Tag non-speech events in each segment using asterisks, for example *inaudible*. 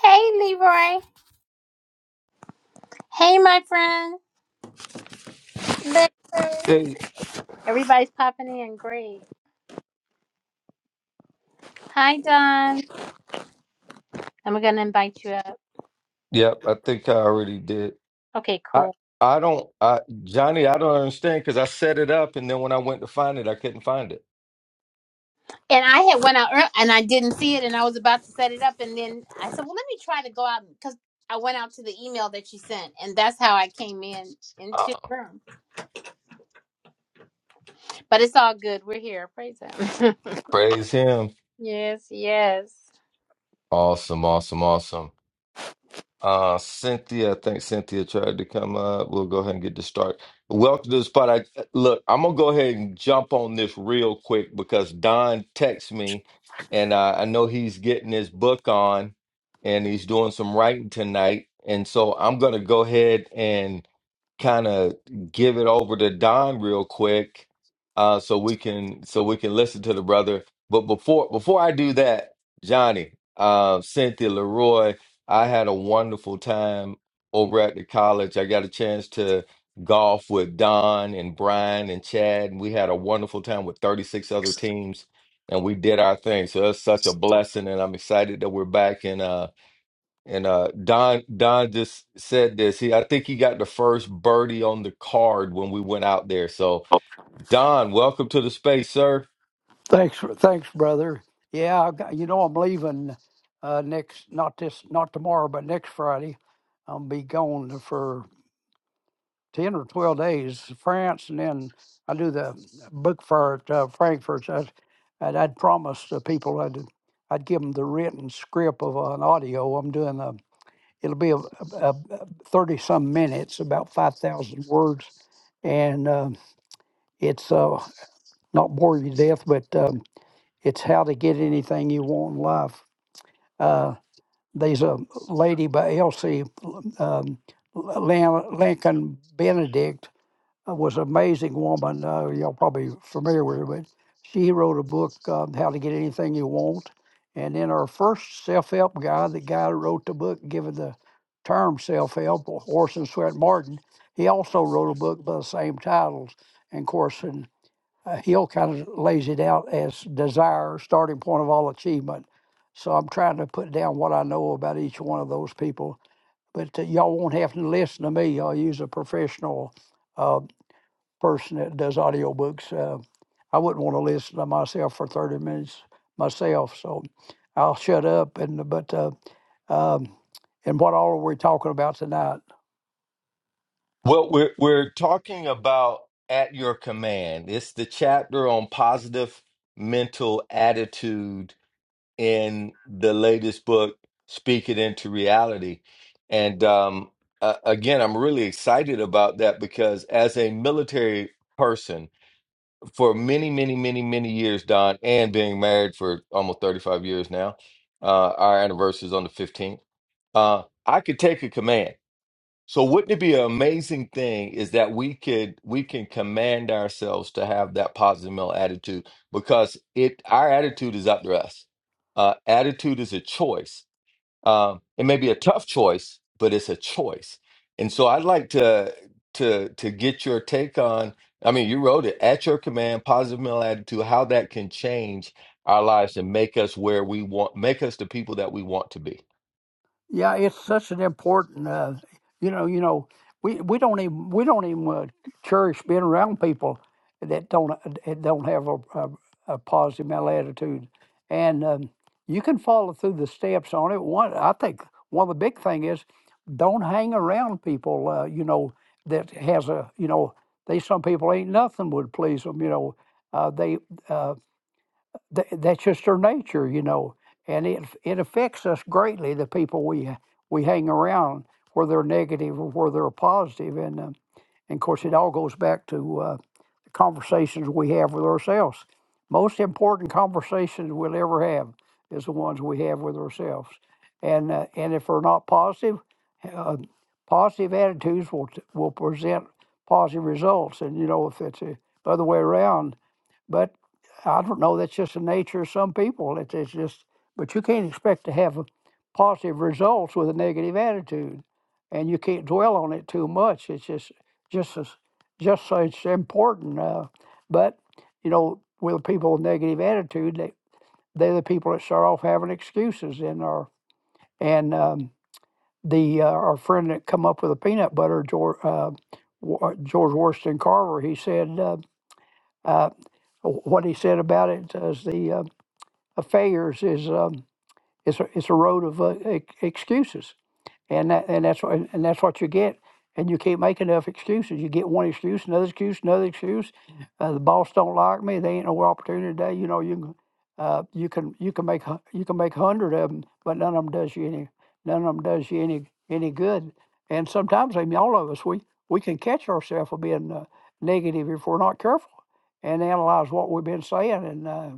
Hey, Leroy. Hey, my friend. Lily. Hey, Everybody's popping in. Great. Hi, Don. And we're gonna invite you up. yep, I think I already did. Okay, I cool. I don't I Johnny, I don't understand because I set it up and then when I went to find it, I couldn't find it. And I had went out ear- and I didn't see it, and I was about to set it up, and then I said, "Well, let me try to go out because I went out to the email that you sent, and that's how I came in into Uh, the room." But it's all good. We're here. Praise Him. praise him. *laughs* yes, yes. Awesome, awesome, awesome. Uh Cynthia, I think Cynthia tried to come up. We'll go ahead and get to start. Welcome to the spot. I look, I'm gonna go ahead and jump on this real quick because Don texts me and uh, I know he's getting his book on and he's doing some writing tonight. And so I'm gonna go ahead and kind of give it over to Don real quick, uh, so we can so we can listen to the brother. But before before I do that, Johnny, uh, Cynthia Leroy, I had a wonderful time over at the college. I got a chance to golf with Don and Brian and Chad, and we had a wonderful time with 36 other teams, and we did our thing. So it's such a blessing, and I'm excited that we're back. And uh, and uh, Don Don just said this. He I think he got the first birdie on the card when we went out there. So Don, welcome to the space, sir. Thanks, thanks, brother. Yeah, I got- you know I'm leaving uh, next not this not tomorrow, but next Friday. I'll be gone for ten or twelve days, France, and then I do the book fair at uh, Frankfurt. I, and I'd promised the people I'd I'd give them the written script of an audio. I'm doing a it'll be a, a, thirty some minutes, about five thousand words, and uh, it's uh, not bore you to death, but. Um, it's how to get anything you want in life. Uh, there's a lady by Elsie um, Lan- Lincoln Benedict uh, was an amazing woman. Uh, y'all probably familiar with her, but she wrote a book, uh, How to Get Anything You Want. And then our first self-help guy, the guy who wrote the book, given the term self-help, Orson Swett Martin, he also wrote a book by the same titles. And of course, in uh, Hill kind of lays it out as desire, starting point of all achievement. So I'm trying to put down what I know about each one of those people. But uh, y'all won't have to listen to me. I'll use a professional uh, person that does audiobooks. Uh, I wouldn't want to listen to myself for 30 minutes myself. So I'll shut up. And But uh, um, and what all are we talking about tonight? Well, we're we're talking about at your command. It's the chapter on positive mental attitude in the latest book, Speak It Into Reality. And um, uh, again, I'm really excited about that because as a military person for many, many, many, many years, Don, and being married for almost 35 years now. Uh, our anniversary is on the 15th. Uh, I could take a command. So wouldn't it be an amazing thing is that we could we can command ourselves to have that positive mental attitude because it our attitude is up to us. Uh, attitude is a choice. Um, it may be a tough choice, but it's a choice. And so I'd like to to to get your take on, I mean, you wrote it at your command, positive mental attitude, how that can change our lives and make us where we want, make us the people that we want to be. Yeah, it's such an important, uh, you know, you know, we, we don't even we don't even uh, cherish being around people that don't uh, that don't have a, a, a positive mental attitude, and um, you can follow through the steps on it. One, I think one of the big thing is don't hang around people, uh, you know, that has a you know they some people ain't nothing would please them, you know, uh, they. Uh, Th- that's just their nature, you know, and it it affects us greatly. The people we we hang around, whether they're negative or whether they're positive, and um, and of course it all goes back to uh, the conversations we have with ourselves. Most important conversations we'll ever have is the ones we have with ourselves, and uh, and if we're not positive, uh, positive attitudes will t- will present positive results, and you know if it's the other way around but I don't know. That's just the nature of some people. It's, it's just, but you can't expect to have a positive results with a negative attitude, and you can't dwell on it too much. It's just, just as, just so it's important. Uh, but you know, with people with negative attitude, they they're the people that start off having excuses and are and um, the uh, our friend that come up with the peanut butter, George uh, Wa- George Washington Carver, he said. Uh, uh, what he said about it as the uh, affairs is um, it's a, it's a road of uh, ex- excuses, and that and that's what and that's what you get. And you can't make enough excuses. You get one excuse, another excuse, another excuse. Uh, the boss don't like me. They ain't no opportunity today. You know you can uh, you can you can make hu- you can make a hundred of them, but none of them does you any none of them does you any any good. And sometimes I mean all of us we we can catch ourselves for being uh, negative if we're not careful and analyze what we've been saying. And uh,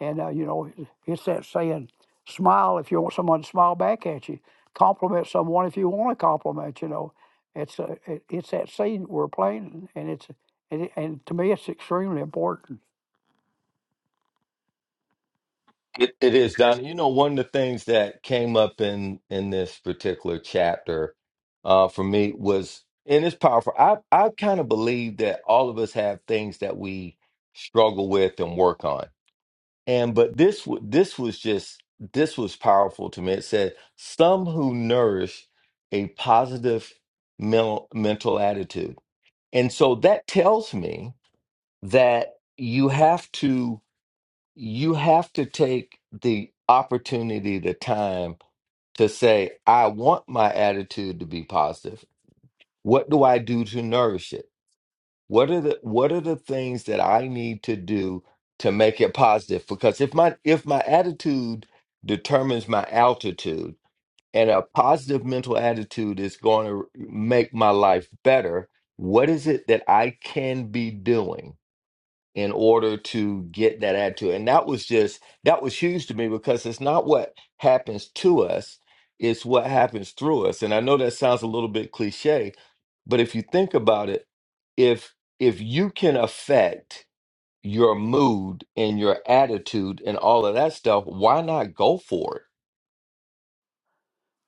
and uh, you know, it's that saying, smile if you want someone to smile back at you, compliment someone if you want to compliment. You know, it's a, it, it's that scene we're playing, and it's and, it, and to me, it's extremely important. It, it is, Don. You know, one of the things that came up in in this particular chapter uh, for me was, and it's powerful. I I kind of believe that all of us have things that we struggle with and work on And but this w- this was just this was powerful to me. It said some who nourish a positive mental mental attitude. And so that tells me that you have to you have to take the opportunity, the time to say, I want my attitude to be positive. What do I do to nourish it? What are the what are the things that I need to do to make it positive? Because if my if my attitude determines my altitude, and a positive mental attitude is going to make my life better, what is it that I can be doing? in order to get that attitude. And that was just that was huge to me because it's not what happens to us, it's what happens through us. And I know that sounds a little bit cliche, but if you think about it, if if you can affect your mood and your attitude and all of that stuff, why not go for it?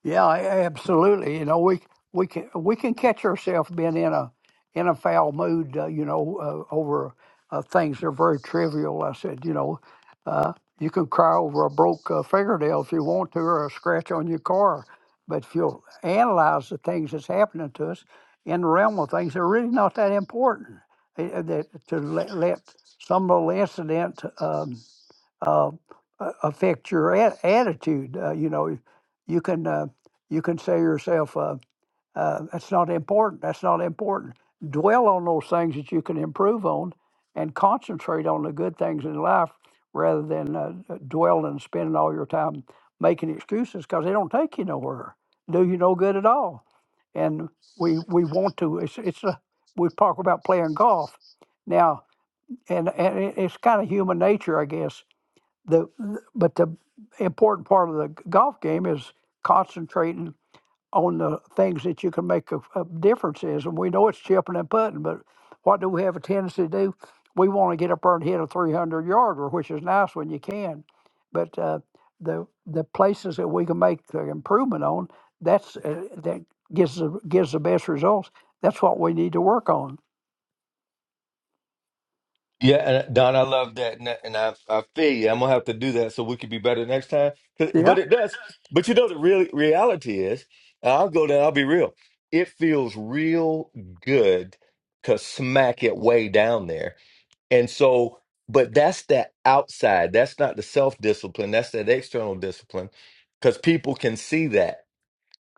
Yeah, a- absolutely. You know, we we can we can catch ourselves being in a in a foul mood. Uh, you know, uh, over uh, things that are very trivial. I said, you know, uh, you can cry over a broke uh, fingernail if you want to, or a scratch on your car. But if you'll analyze the things that's happening to us in the realm of things, they're really not that important. Eh, eh, That to let, let some little incident. Um, uh, a- affect your at- attitude. Uh, you know, you can uh, you can say to yourself, uh, uh, "That's not important. That's not important." Dwell on those things that you can improve on, and concentrate on the good things in life rather than uh, uh, dwell and spending all your time making excuses because they don't take you nowhere, do you no good at all. And we we want to. It's it's a, we talk about playing golf now, and and it- it's kind of human nature, I guess the but the important part of the golf game is concentrating on the things that you can make a, a difference is and we know it's chipping and putting but what do we have a tendency to do we want to get up there and hit a 300 yarder which is nice when you can but uh, the the places that we can make the improvement on that's uh, that gives the, gives the best results that's what we need to work on Yeah, and uh, Don, I love that, and, and I I feel you. I'm gonna have to do that so we could be better next time. 'Cause- Yeah. But it does. But you know, the real reality is, and I'll go down. I'll be real. It feels real good to smack it way down there, and so. But that's that outside. That's not the self discipline. That's that external discipline, because people can see that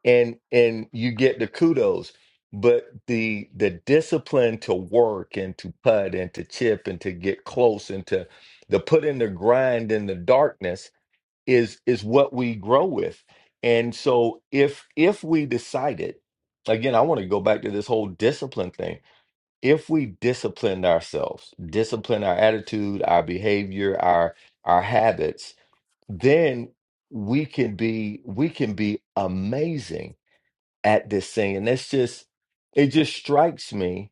and and you get the kudos but the the discipline to work and to putt and to chip and to get close and to the put in the grind in the darkness is is what we grow with and so if if we decided again i want to go back to this whole discipline thing if we disciplined ourselves discipline our attitude our behavior our our habits then we can be we can be amazing at this thing. And that's just, it just strikes me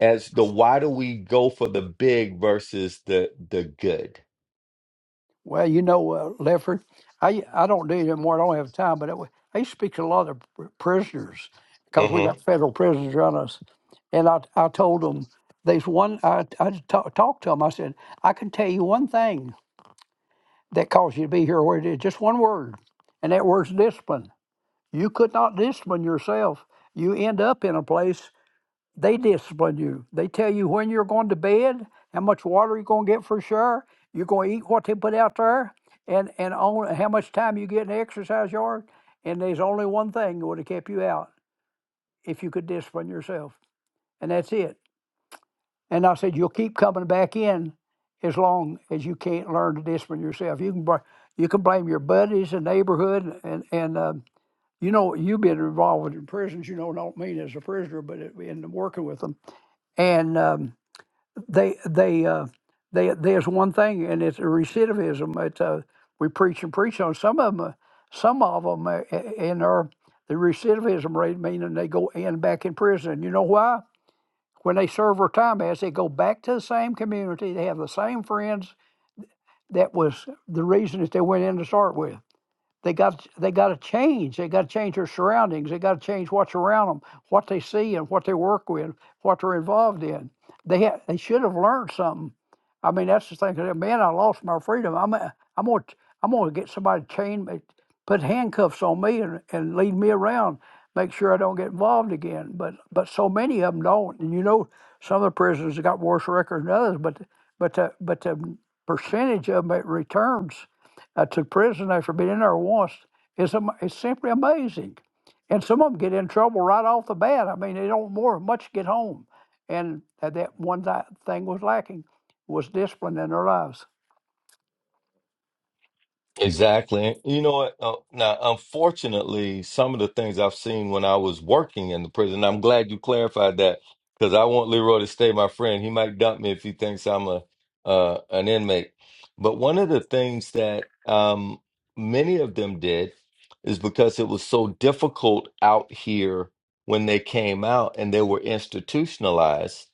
as the why do we go for the big versus the the good? Well, you know, uh, Lefford, I I don't do it anymore. I don't have time, but I, I used to speak to a lot of pr- prisoners because we got federal prisoners around us, and I I told them there's one I I ta- talked to them. I said I can tell you one thing that caused you to be here where it is, just one word, and that word's discipline. You could not discipline yourself. You end up in a place. They discipline you. They tell you when you're going to bed, how much water you're going to get for sure. You're going to eat what they put out there, and and on how much time you get in the exercise yard. And there's only one thing that would have kept you out if you could discipline yourself, and that's it. And I said you'll keep coming back in as long as you can't learn to discipline yourself. You can bl- you can blame your buddies and neighborhood and and um, you know you've been involved in prisons. You know, don't mean as a prisoner, but it, in working with them. And um, they they uh, they there's one thing, and it's recidivism. It's uh, we preach and preach on some of them. Some of them uh, in our the recidivism rate, meaning they go in back in prison. And you know why? When they serve their time, as they go back to the same community, they have the same friends. That was the reason that they went in to start with. They got they got to change. They got to change their surroundings. They got to change what's around them, what they see, and what they work with, what they're involved in. They ha- they should have learned something. I mean, that's the thing. Man, I lost my freedom. I'm a, I'm gonna t- I'm gonna get somebody to chain me, put handcuffs on me, and, and lead me around. Make sure I don't get involved again. But but so many of them don't. And you know, some of the prisoners have got worse records than others. But but the, but the percentage of them that returns uh, to prison after being in there once is am- is simply amazing. And some of them get in trouble right off the bat. I mean, they don't more much get home. And that that one thi- thing was lacking was discipline in their lives. Exactly. You know what? Uh, now, unfortunately, some of the things I've seen when I was working in the prison, I'm glad you clarified that because I want Leroy to stay my friend. He might dump me if he thinks I'm a uh, an inmate. But one of the things that um, many of them did is because it was so difficult out here when they came out and they were institutionalized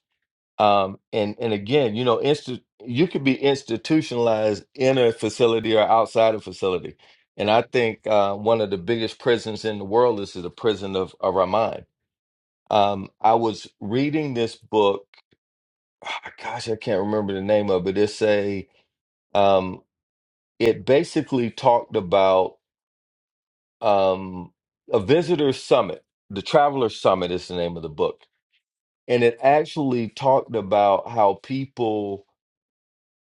um and and again you know insti- you could be institutionalized in a facility or outside a facility and i think uh one of the biggest prisons in the world is the prison of, of our mind um i was reading this book ah, gosh i can't remember the name of it it's a um it basically talked about um a visitor summit the traveler summit is the name of the book and it actually talked about how people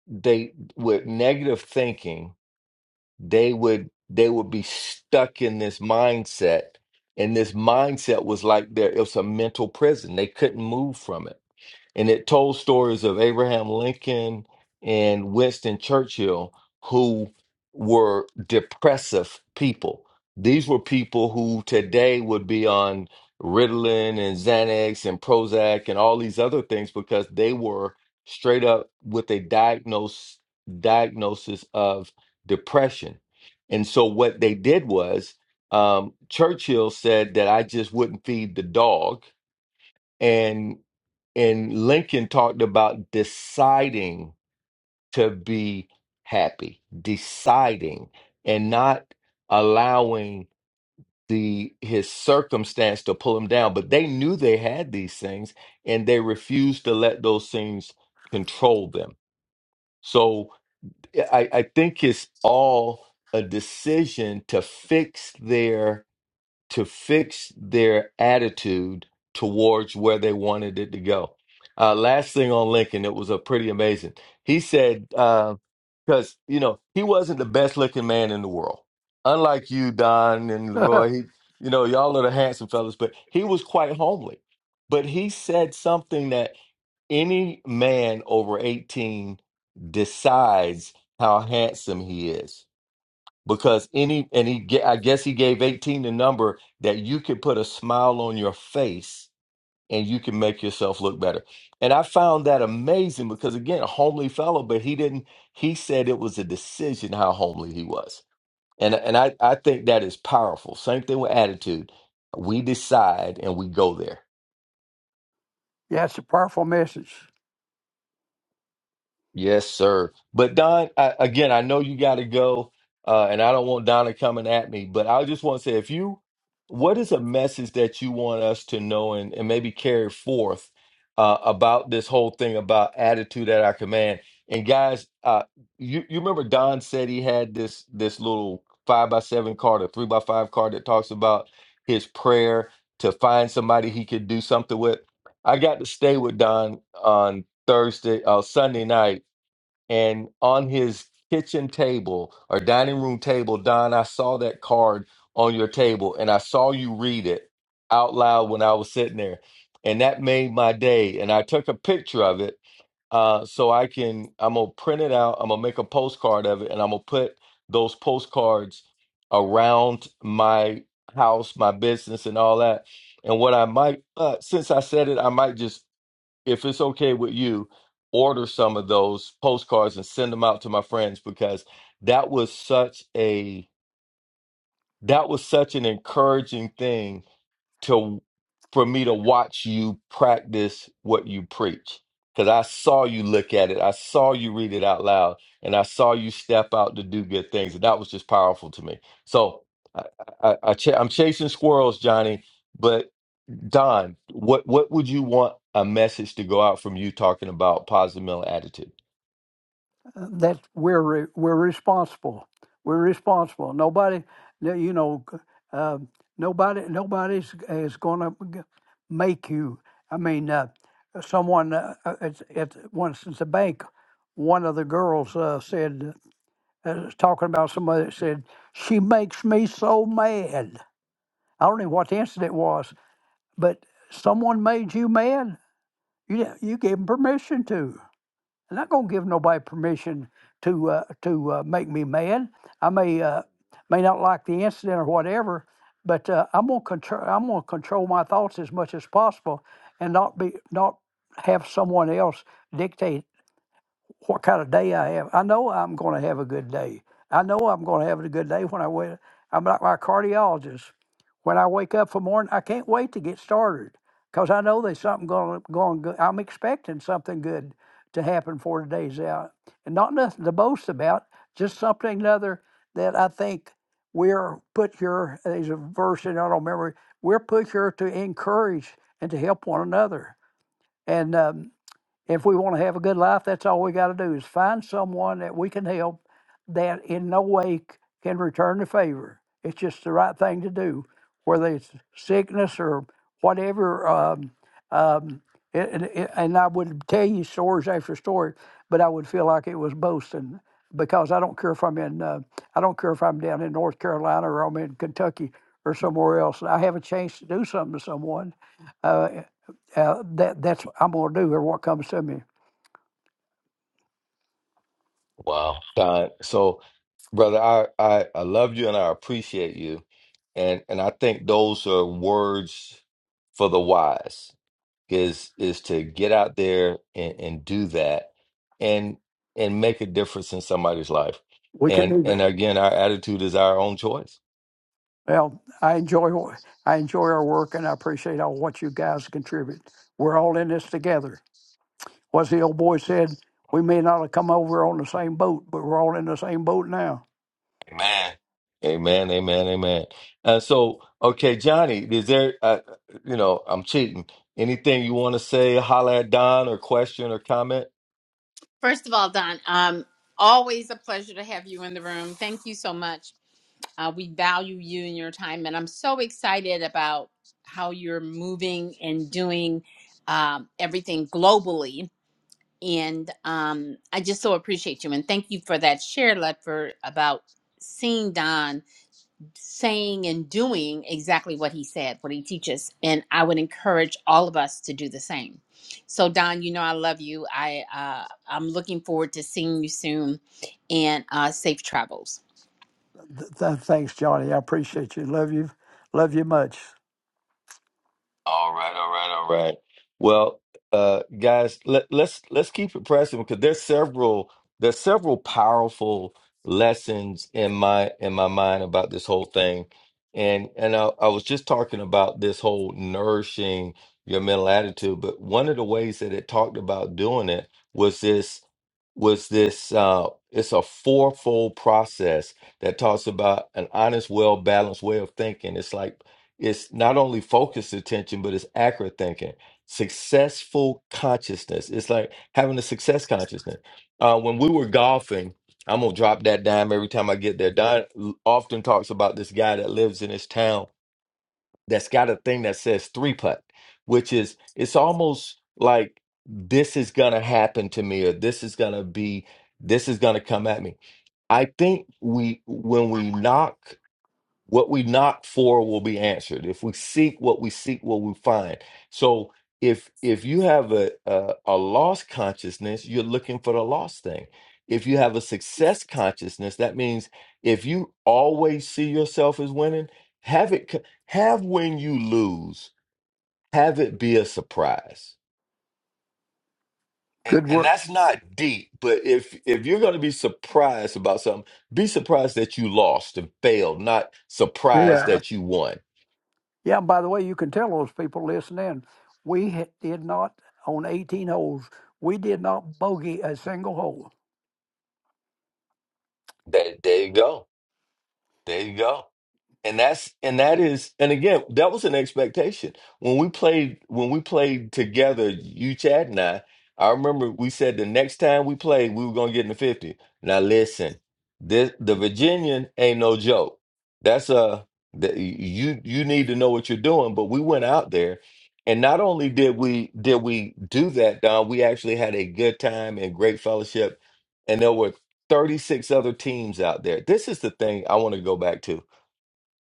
they with negative thinking they would they would be stuck in this mindset and this mindset was like there it was a mental prison they couldn't move from it and it told stories of Abraham Lincoln and Winston Churchill, who were depressive people. These were people who today would be on Ritalin and Xanax and Prozac and all these other things because they were straight up with a diagnose, diagnosis of depression. And so what they did was um, Churchill said that I just wouldn't feed the dog and Lincoln talked about deciding to be happy, deciding and not allowing the his circumstance to pull him down, but they knew they had these things and they refused to let those things control them. So I, I think it's all a decision to fix their to fix their attitude towards where they wanted it to go. Uh, last thing on Lincoln, it was a pretty amazing. He said, because you know he wasn't the best looking man in the world, unlike you, Don and *laughs* yeah, Leroy. He, you know, y'all are the handsome fellas, but he was quite homely. But he said something that any man over eighteen decides how handsome he is because any and he ga- I guess he gave 18 the number that you could put a smile on your face and you can make yourself look better. And I found that amazing because again, a homely fellow, but he didn't he said it was a decision how homely he was. And and I I think that is powerful. Same thing with attitude. We decide and we go there. it's a powerful message. Yes, sir. But Don, I, again, I know you got to go, uh, and I don't want Donna coming at me, but I just want to say, if you, what is a message that you want us to know and, and maybe carry forth uh, about this whole thing about attitude at our command? And guys, uh, you you remember Don said he had this this little five by seven card, a three by five card that talks about his prayer to find somebody he could do something with. I got to stay with Don on Thursday, uh, Sunday night and on his kitchen table or dining room table, Don, I saw that card on your table and I saw you read it out loud when I was sitting there. And that made my day. And I took a picture of it uh, so I can, I'm going to print it out. I'm going to make a postcard of it and I'm going to put those postcards around my house, my business, and all that. And what I might, uh, since I said it, I might just if it's okay with you, order some of those postcards and send them out to my friends because that was such a that was such an encouraging thing to for me to watch you practice what you preach because I saw you look at it, I saw you read it out loud, and I saw you step out to do good things, and that was just powerful to me. So I, I, I ch- I'm chasing squirrels, Johnny, but. Don, what what would you want a message to go out from you talking about positive mental attitude? uh, that we're re- we're responsible. We're responsible. Nobody, no- you know, uh, nobody nobody's is going to make you. I mean, uh, someone uh, uh, at, at once at the bank, one of the girls uh, said, uh, talking about somebody that said she makes me so mad. I don't know what the incident was, but someone made you mad. You you gave gave 'em permission to. I'm not gonna give nobody permission to uh, to uh, make me mad. I may uh, may not like the incident or whatever, but uh, I'm gonna control. I'm gonna control my thoughts as much as possible, and not be not have someone else dictate what kind of day I have. I know I'm going to have a good day. I know I'm going to have a good day when I wake. I'm like my cardiologist. When I wake up for morning, I can't wait to get started because I know there's something going going good. I'm expecting something good to happen for today's out, and not nothing to boast about. Just something another that I think we're put here. There's a verse in I don't remember. We're put here to encourage and to help one another. and. um, if we want to have a good life, that's all we got to do is find someone that we can help that in no way c- can return the favor. It's just the right thing to do, whether it's sickness or whatever. Um, um, it, and it- and I would tell you stories after story, but I would feel like it was boasting because I don't care if I'm in, uh, I don't care if I'm down in North Carolina or I'm in Kentucky or somewhere else. I have a chance to do something to someone. Uh, uh, that that's what I'm going to do or what comes to me. Wow. Don, so brother, I, I I love you and I appreciate you, and and I think those are words for the wise is is to get out there and, and do that and and make a difference in somebody's life. We can And do and that. again, our attitude is our own choice Well, I enjoy wh- I enjoy our work, and I appreciate all what you guys contribute. We're all in this together. What's the old boy said? We may not have come over on the same boat, but we're all in the same boat now. Amen. Amen. Amen. Amen. Uh, so, okay, Johnny, is there, uh, you know, I'm cheating. Anything you want to say, holler at Don or question or comment? First of all, Don. Um, always a pleasure to have you in the room. Thank you so much. Uh, we value you and your time, and I'm so excited about how you're moving and doing um, everything globally. And um, I just so appreciate you, and thank you for that share, Ledford, about seeing Don saying and doing exactly what he said, what he teaches. And I would encourage all of us to do the same. So, Don, you know I love you. I uh, I'm looking forward to seeing you soon, and uh, safe travels. Th- th- thanks, Johnny. I appreciate you. Love you. Love you much. All right, all right, all right. Well, uh, guys, let, let's let's keep it pressing because there's several there's several powerful lessons in my in my mind about this whole thing, and and I, I was just talking about this whole nourishing your mental attitude, but one of the ways that it talked about doing it was this was this uh, it's a fourfold process that talks about an honest, well balanced way of thinking. It's like it's not only focused attention, but it's accurate thinking. Successful consciousness. It's like having a success consciousness. Uh, when we were golfing, I'm gonna drop that dime every time I get there. Don l- often talks about this guy that lives in his town that's got a thing that says three putt, which is it's almost like this is gonna happen to me, or this is gonna be, this is gonna come at me. I think we when we knock what we knock for will be answered. If we seek what we seek, what we find. So if if you have a, a a lost consciousness, you're looking for the lost thing. If you have a success consciousness, that means if you always see yourself as winning, have it c- have when you lose, have it be a surprise. And Good and work. that's not deep, but if if you're going to be surprised about something, be surprised that you lost and failed, not surprised Yeah. that you won Yeah. and By the way, you can tell those people listen in. We ha- did not on eighteen holes. We did not bogey a single hole. There, there you go. There you go. And that's and that is and again, that was an expectation. When we played when we played together, you Chad and I, I remember we said the next time we played, we were gonna get in the 50. Now listen, this the Virginian ain't no joke. That's a that you you need to know what you're doing, but we went out there and not only did we did we do that, Don, we actually had a good time and great fellowship. And there were 36 other teams out there. This is the thing I want to go back to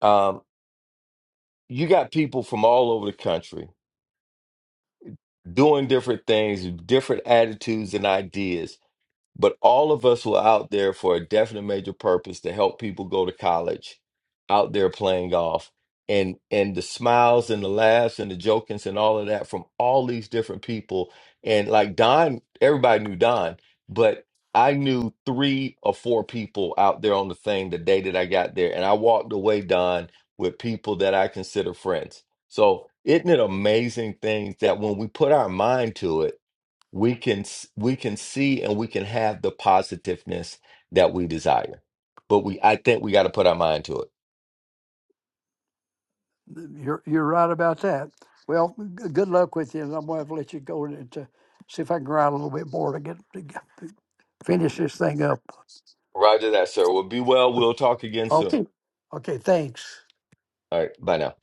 Um, you got people from all over the country doing different things, different attitudes and ideas. But all of us were out there for a definite major purpose to help people go to college, out there playing golf. And and the smiles and the laughs and the jokings and all of that from all these different people. And like Don, everybody knew Don, but I knew three or four people out there on the thing the day that I got there. And I walked away, Don, with people that I consider friends. So isn't it amazing things that when we put our mind to it, we can s- we can see and we can have the positiveness that we desire but we i think we got to put our mind to it You're you're right about that. Well, g- good luck with you, and I'm going to let you go and to see if I can ride a little bit more to get to get- finish this thing up. roger that sir well be well we'll talk again soon Okay. Okay. Thanks. all right bye now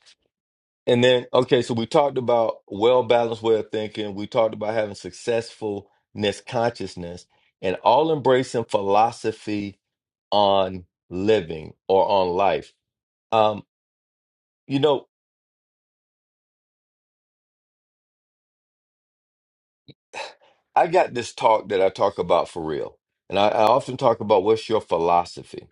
and then okay so we talked about well balanced way of thinking we talked about having successfulness consciousness and all embracing philosophy on living or on life um you know i got this talk that i talk about for real and I, I often talk about what's your philosophy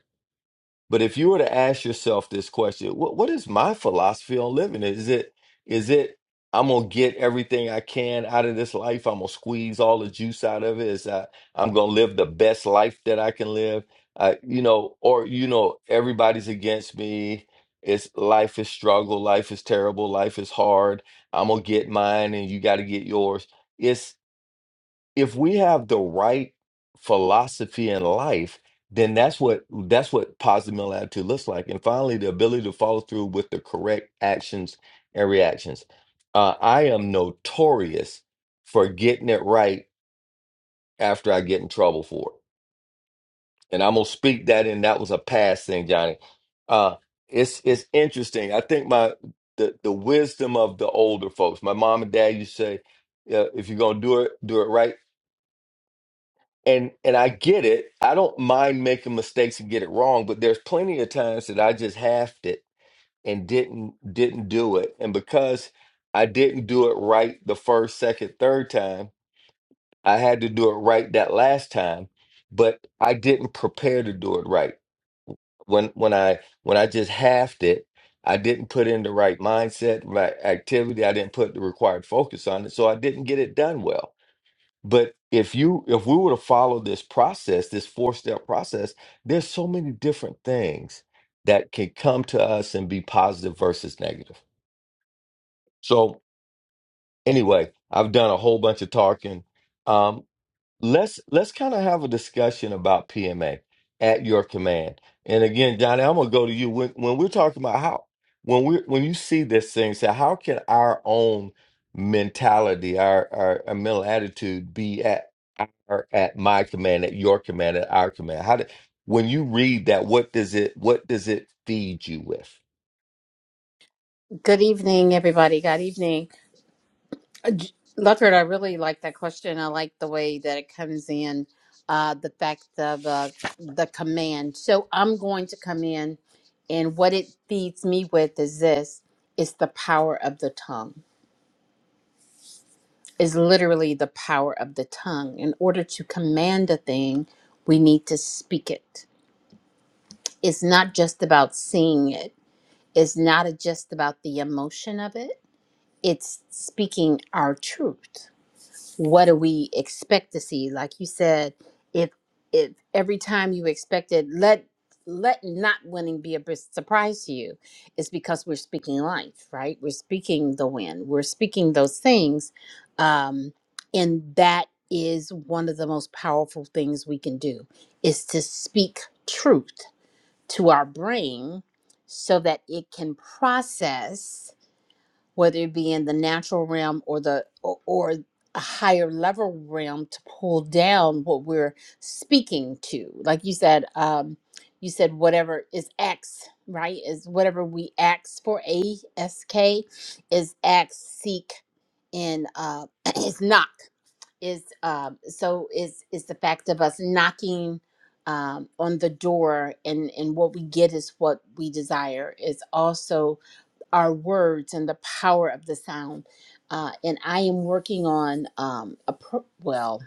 But if you were to ask yourself this question, what what is my philosophy on living? Is it is it I'm gonna get everything I can out of this life. I'm gonna squeeze all the juice out of it. Is I I'm gonna live the best life that I can live. Uh, you know, or you know, everybody's against me. It's life is struggle. Life is terrible. Life is hard. I'm gonna get mine, and you got to get yours if we have the right philosophy in life, then that's what that's what positive mental attitude looks like. And finally, the ability to follow through with the correct actions and reactions. Uh, I am notorious for getting it right after I get in trouble for it, and I'm gonna speak that in. That was a past thing, Johnny. Uh, it's it's interesting. I think my the the wisdom of the older folks. My mom and dad used to say, uh, "If you're gonna do it, do it right." and and I get it. I don't mind making mistakes and get it wrong, but there's plenty of times that I just halved it and didn't didn't do it. And because I didn't do it right the first, second, third time, I had to do it right that last time, but I didn't prepare to do it right. When when I when I just halved it, I didn't put in the right mindset, right activity. I didn't put the required focus on it, so I didn't get it done well. But if you if we were to follow this process, this four-step process, there's so many different things that can come to us and be positive versus negative. So anyway, I've done a whole bunch of talking. Um, let's let's kind of have a discussion about PMA at your command. And again, Johnny, I'm gonna go to you when when we're talking about how when we when you see this thing, say how can our own mentality, our our, our mental attitude be at our at my command, at your command, at our command? How do when you read that, what does it what does it feed you with? Good evening, everybody. Good evening. Leopard, I really like that question. I like the way that it comes in, uh, the fact of uh, the command. So I'm going to come in, and what it feeds me with is this it's the power of the tongue, is literally the power of the tongue. In order to command a thing, we need to speak it. It's not just about seeing it, it's not just about the emotion of it, it's speaking our truth what do we expect to see like you said if if every time you expected let let not winning be a bris- surprise to you it's because we're speaking life right we're speaking the win we're speaking those things um and that is one of the most powerful things we can do is to speak truth to our brain so that it can process whether it be in the natural realm or the or, or a higher level realm to pull down what we're speaking to like you said um you said whatever is x right is whatever we ask for a s k is ask seek and uh *clears throat* is knock is um so is is the fact of us knocking um on the door and and what we get is what we desire is also our words and the power of the sound. Uh, and I am working on um, a pro- well,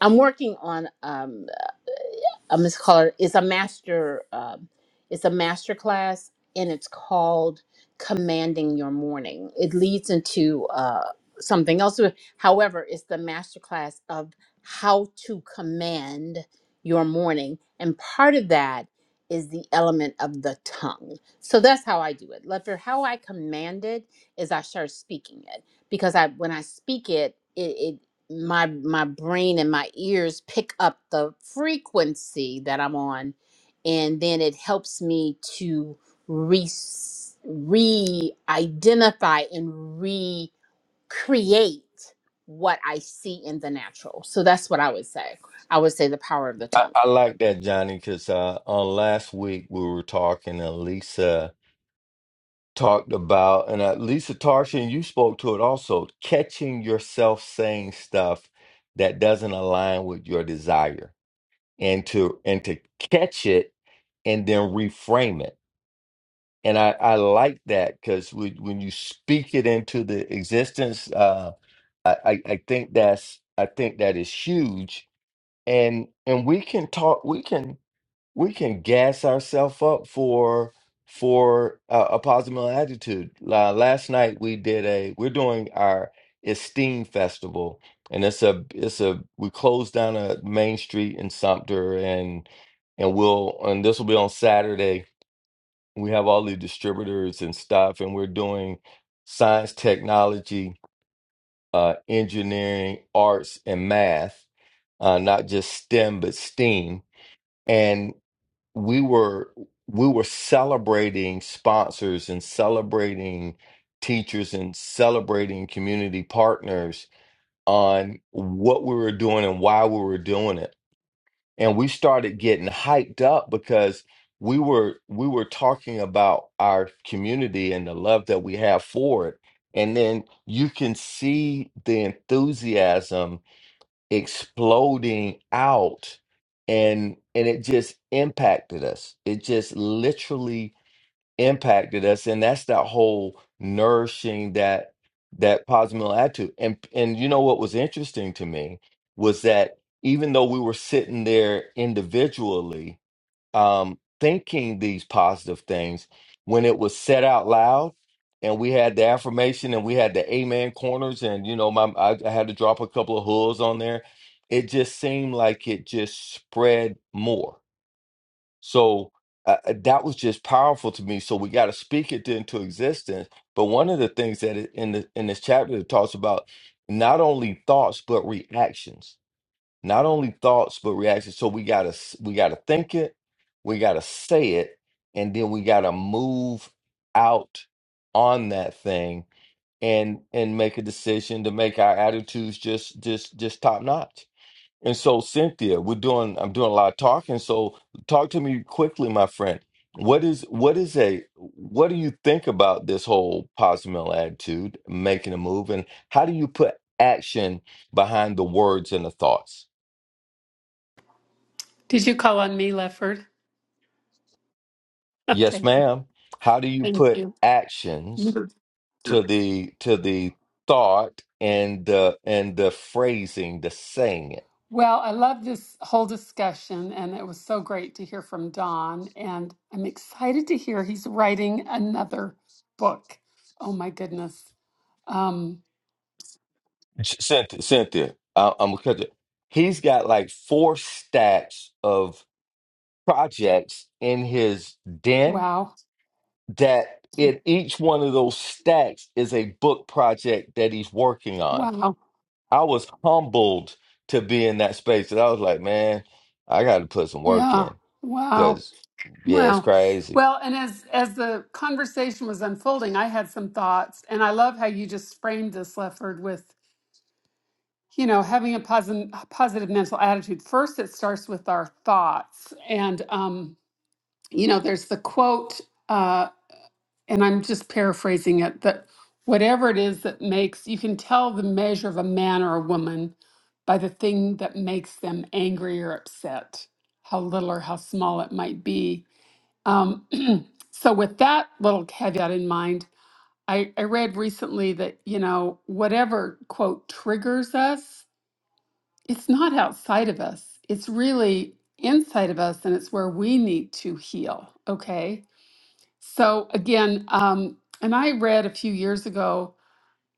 I'm working on. um, a Miss Caller. It's a master. Um, it's a master class, and it's called "Commanding Your Morning." It leads into uh, something else. uh, However, it's the master class of how to command your morning, and part of that is the element of the tongue. So that's how I do it. Like for how I command it is I start speaking it because I when I speak it. it, my my brain and my ears pick up the frequency that I'm on, and then it helps me to re re-identify and recreate what I see in the natural. So that's what I would say. I would say the power of the I, tongue. I like that, Johnny, because uh, on last week we were talking to Lisa talked about, and uh, Lisa Tarshan, you spoke to it also, catching yourself saying stuff that doesn't align with your desire, and to and to catch it and then reframe it. And I, I like that because when you speak it into the existence, uh, I, I I think that's I think that is huge. And and we can talk. We can we can gas ourselves up for for uh, a positive attitude. La last night we did a we're doing our esteem festival, and it's a it's a we closed down a main street in Sumter, and and we'll and this will be on Saturday. We have all the distributors and stuff, and we're doing science, technology, uh, engineering, arts, and math. Uh, not just STEM, but STEAM we were we were celebrating sponsors and celebrating teachers and celebrating community partners on what we were doing and why we were doing it and we started getting hyped up because we were we were talking about our community and the love that we have for it and then you can see the enthusiasm exploding out and and it just impacted us it just literally impacted us and that's that whole nourishing that that positive mental attitude and and you know what was interesting to me was that even though we were sitting there individually um, thinking these positive things when it was said out loud and we had the affirmation and we had the amen corners and you know my I, I had to drop a couple of hooves on there it just seemed like it just spread more so uh, uh, that was just powerful to me so we got to speak it into existence but one of the things that it, in the in this chapter it talks about not only thoughts but reactions not only thoughts but reactions so we gotta s- we gotta think it we gotta say it and then we gotta move out on that thing and and make a decision to make our attitudes just just just top notch and so cynthia we're doing i'm doing a lot of talking so talk to me quickly my friend what is what is a what do you think about this whole positive mental attitude making a move and how do you put action behind the words and the thoughts Did you call on me, Lefford? *laughs* Yes, Okay, ma'am. How do you thank put you. actions You- to the to the thought and the and the phrasing, the saying it? Well, I love this whole discussion, and it was so great to hear from Don. And I'm excited to hear he's writing another book. Oh my goodness. Um, Ch- Cynthia, Cynthia, I, I'm gonna cut you. He's got like four stacks of projects in his den wow. that in each one of those stacks is a book project that he's working on. Wow. I was humbled to be in that space, and I was like, man, I got to put some work Yeah. in. Wow. Because, yeah, it's Wow. crazy. Well, and as as the conversation was unfolding, I had some thoughts, and I love how you just framed this, Lefford, with you know having a positive positive mental attitude first it starts with our thoughts and um you know there's the quote uh and i'm just paraphrasing it that whatever it is that makes you can tell the measure of a man or a woman by the thing that makes them angry or upset how little or how small it might be um *clears throat* so with that little caveat in mind I, I read recently that you know whatever quote triggers us it's not outside of us. It's really inside of us, and it's where we need to heal. Okay. So, again, um, and I read a few years ago,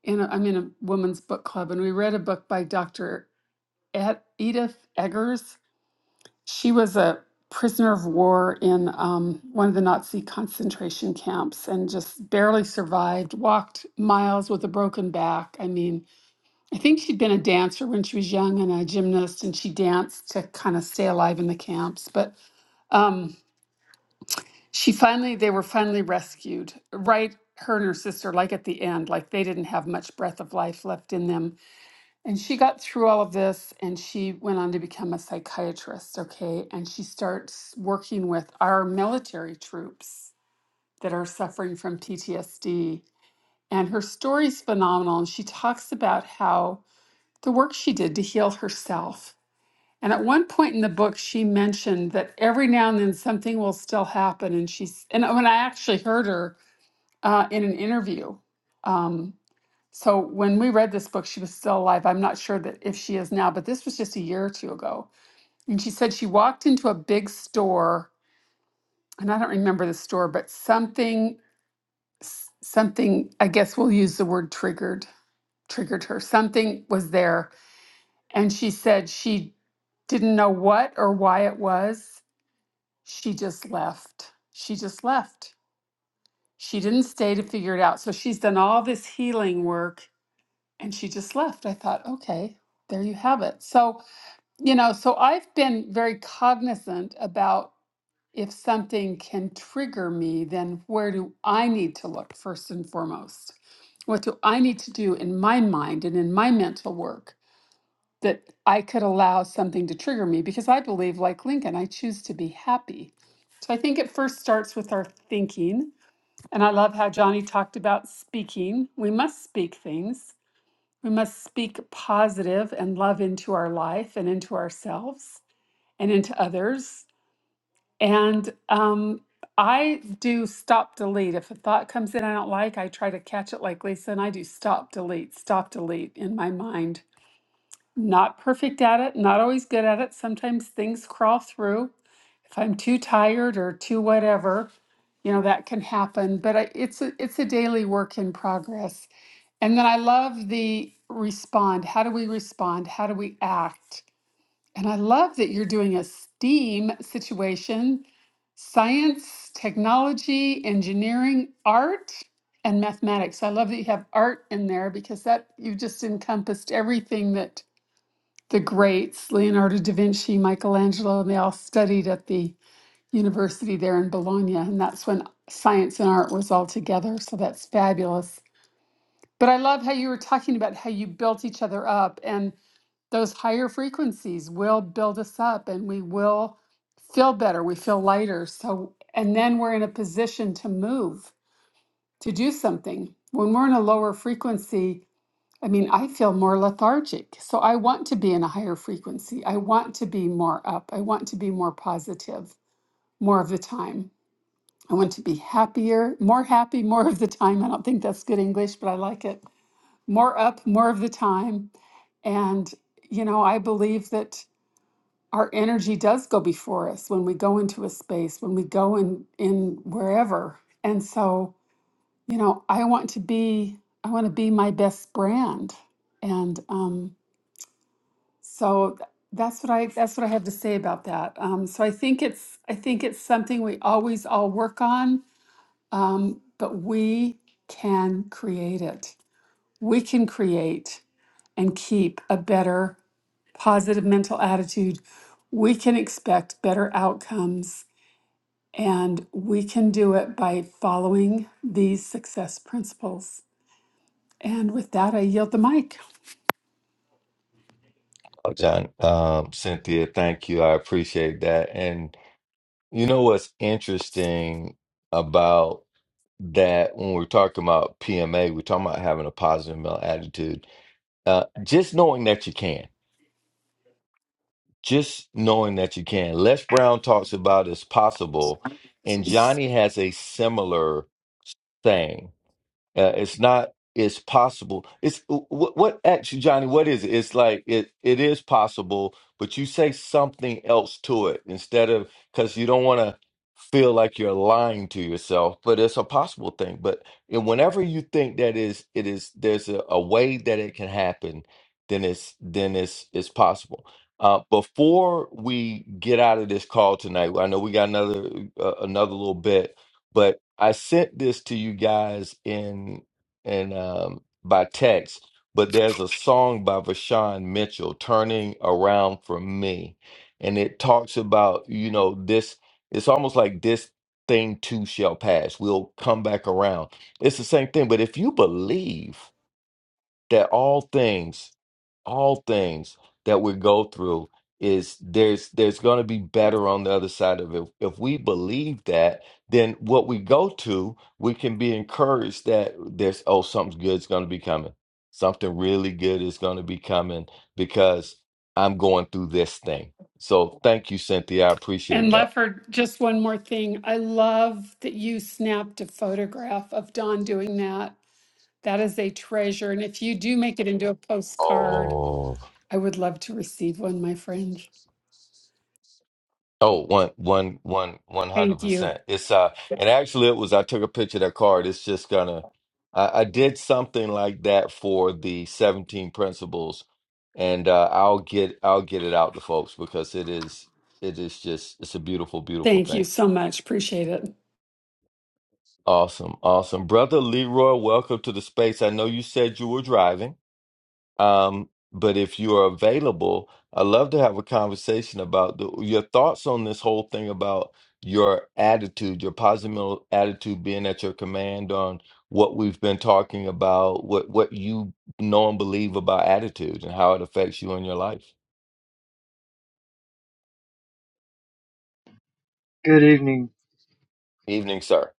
in a, I'm in a women's book club, and we read a book by Dr. Ed, Edith Eggers. She was a prisoner of war in um, one of the Nazi concentration camps and just barely survived, walked miles with a broken back. I mean, I think she'd been a dancer when she was young and a gymnast, and she danced to kind of stay alive in the camps. But um, she finally, they were finally rescued, right? Her and her sister, like at the end, like they didn't have much breath of life left in them. And she got through all of this and she went on to become a psychiatrist, okay? And she starts working with our military troops that are suffering from PTSD. And her story's phenomenal. And she talks about how the work she did to heal herself. And at one point in the book, she mentioned that every now and then something will still happen. And she's, and when I actually heard her uh, in an interview, um, so when we read this book, she was still alive. I'm not sure that if she is now, but this was just a year or two ago. And she said she walked into a big store, and I don't remember the store, but something, s- something, I guess we'll use the word triggered, triggered her. Something was there And she said she didn't know what or why it was. She just left. She just left. She didn't stay to figure it out. So she's done all this healing work and she just left. I thought, okay, there you have it. So, you know, so I've been very cognizant about if something can trigger me, then where do I need to look first and foremost? What do I need to do in my mind and in my mental work? that I could allow something to trigger me because I believe, like Lincoln, I choose to be happy. So I think it first starts with our thinking. And I love how Johnny talked about speaking. We must speak things, we must speak positive and love into our life and into ourselves and into others. And um, I do stop delete. If a thought comes in I don't like, I try to catch it like Lisa, and I do stop delete, stop delete in my mind not perfect at it, not always good at it. Sometimes things crawl through. If I'm too tired or too whatever, you know, that can happen. But I, it's a, it's a daily work in progress. And then I love the respond. How do we respond? How do we act? And I love that you're doing a STEAM situation science, technology, engineering, art, and mathematics. I love that you have art in there because that you've just encompassed everything that the greats, Leonardo da Vinci, Michelangelo, and they all studied at the university there in Bologna. And that's when science and art was all together. So that's fabulous. But I love how you were talking about how you built each other up, and those higher frequencies will build us up and we will feel better. We feel lighter. So, and then we're in a position to move, to do something. When we're in a lower frequency, I mean, I feel more lethargic. So I want to be in a higher frequency. I want to be more up. I want to be more positive more of the time. I want to be happier, more happy more of the time. I don't think that's good English, but I like it. More up more of the time. And, you know, I believe that our energy does go before us when we go into a space, when we go in, in wherever. And so, you know, I want to be, I want to be my best brand. And, um, So th- that's what I that's what I have to say about that. Um, so I think it's I think it's something we always all work on, um, but we can create it. We can create and keep a better positive mental attitude. We can expect better outcomes, and we can do it by following these success principles. And with that, I yield the mic. Oh, John, um, Cynthia, thank you. I appreciate that. And you know what's interesting about that when we're talking about PMA, we're talking about having a positive mental attitude. Uh, just knowing that you can, just knowing that you can. Les Brown talks about it's possible, and Johnny has a similar thing. Uh, it's not. It's possible. It's what, what actually, Johnny. What is it? It's like it. It is possible, but you say something else to it instead of because you don't want to feel like you're lying to yourself. But it's a possible thing. But and whenever you think that is, it is. There's a, a way that it can happen. Then it's then it's it's possible. Uh, before we get out of this call tonight, I know we got another uh, another little bit but I sent this to you guys in in um by text. But there's a song by Vashawn Mitchell, "Turning Around for Me," and it talks about you know this. It's almost like this thing too shall pass. We'll come back around. It's the same thing. But if you believe that all things all things that we go through is there's there's going to be better on the other side of it. If we believe that, then what we go to, we can be encouraged that there's oh something good's going to be coming. Something really good is going to be coming because I'm going through this thing. So thank you Cynthia, I appreciate And that. Lefford, just one more thing. I love that you snapped a photograph of Don doing that. That is a treasure. And if you do make it into a postcard, Oh. I would love to receive one, my friend. Oh, one, one, one, one hundred Thank you. percent. It's uh, and actually, it was. I took a picture of that card. It's just gonna. I, I did something like that for the seventeen principles, and uh, I'll get I'll get it out to folks because it is it is just it's a beautiful beautiful Thank thing. you so much. Appreciate it. Awesome, awesome, brother Leroy. Welcome to the space. I know you said you were driving. Um, but if you are available, I'd love to have a conversation about the, your thoughts on this whole thing about your attitude, your positive attitude being at your command on what we've been talking about, what what you know and believe about attitude and how it affects you in your life. Good evening. Evening, sir.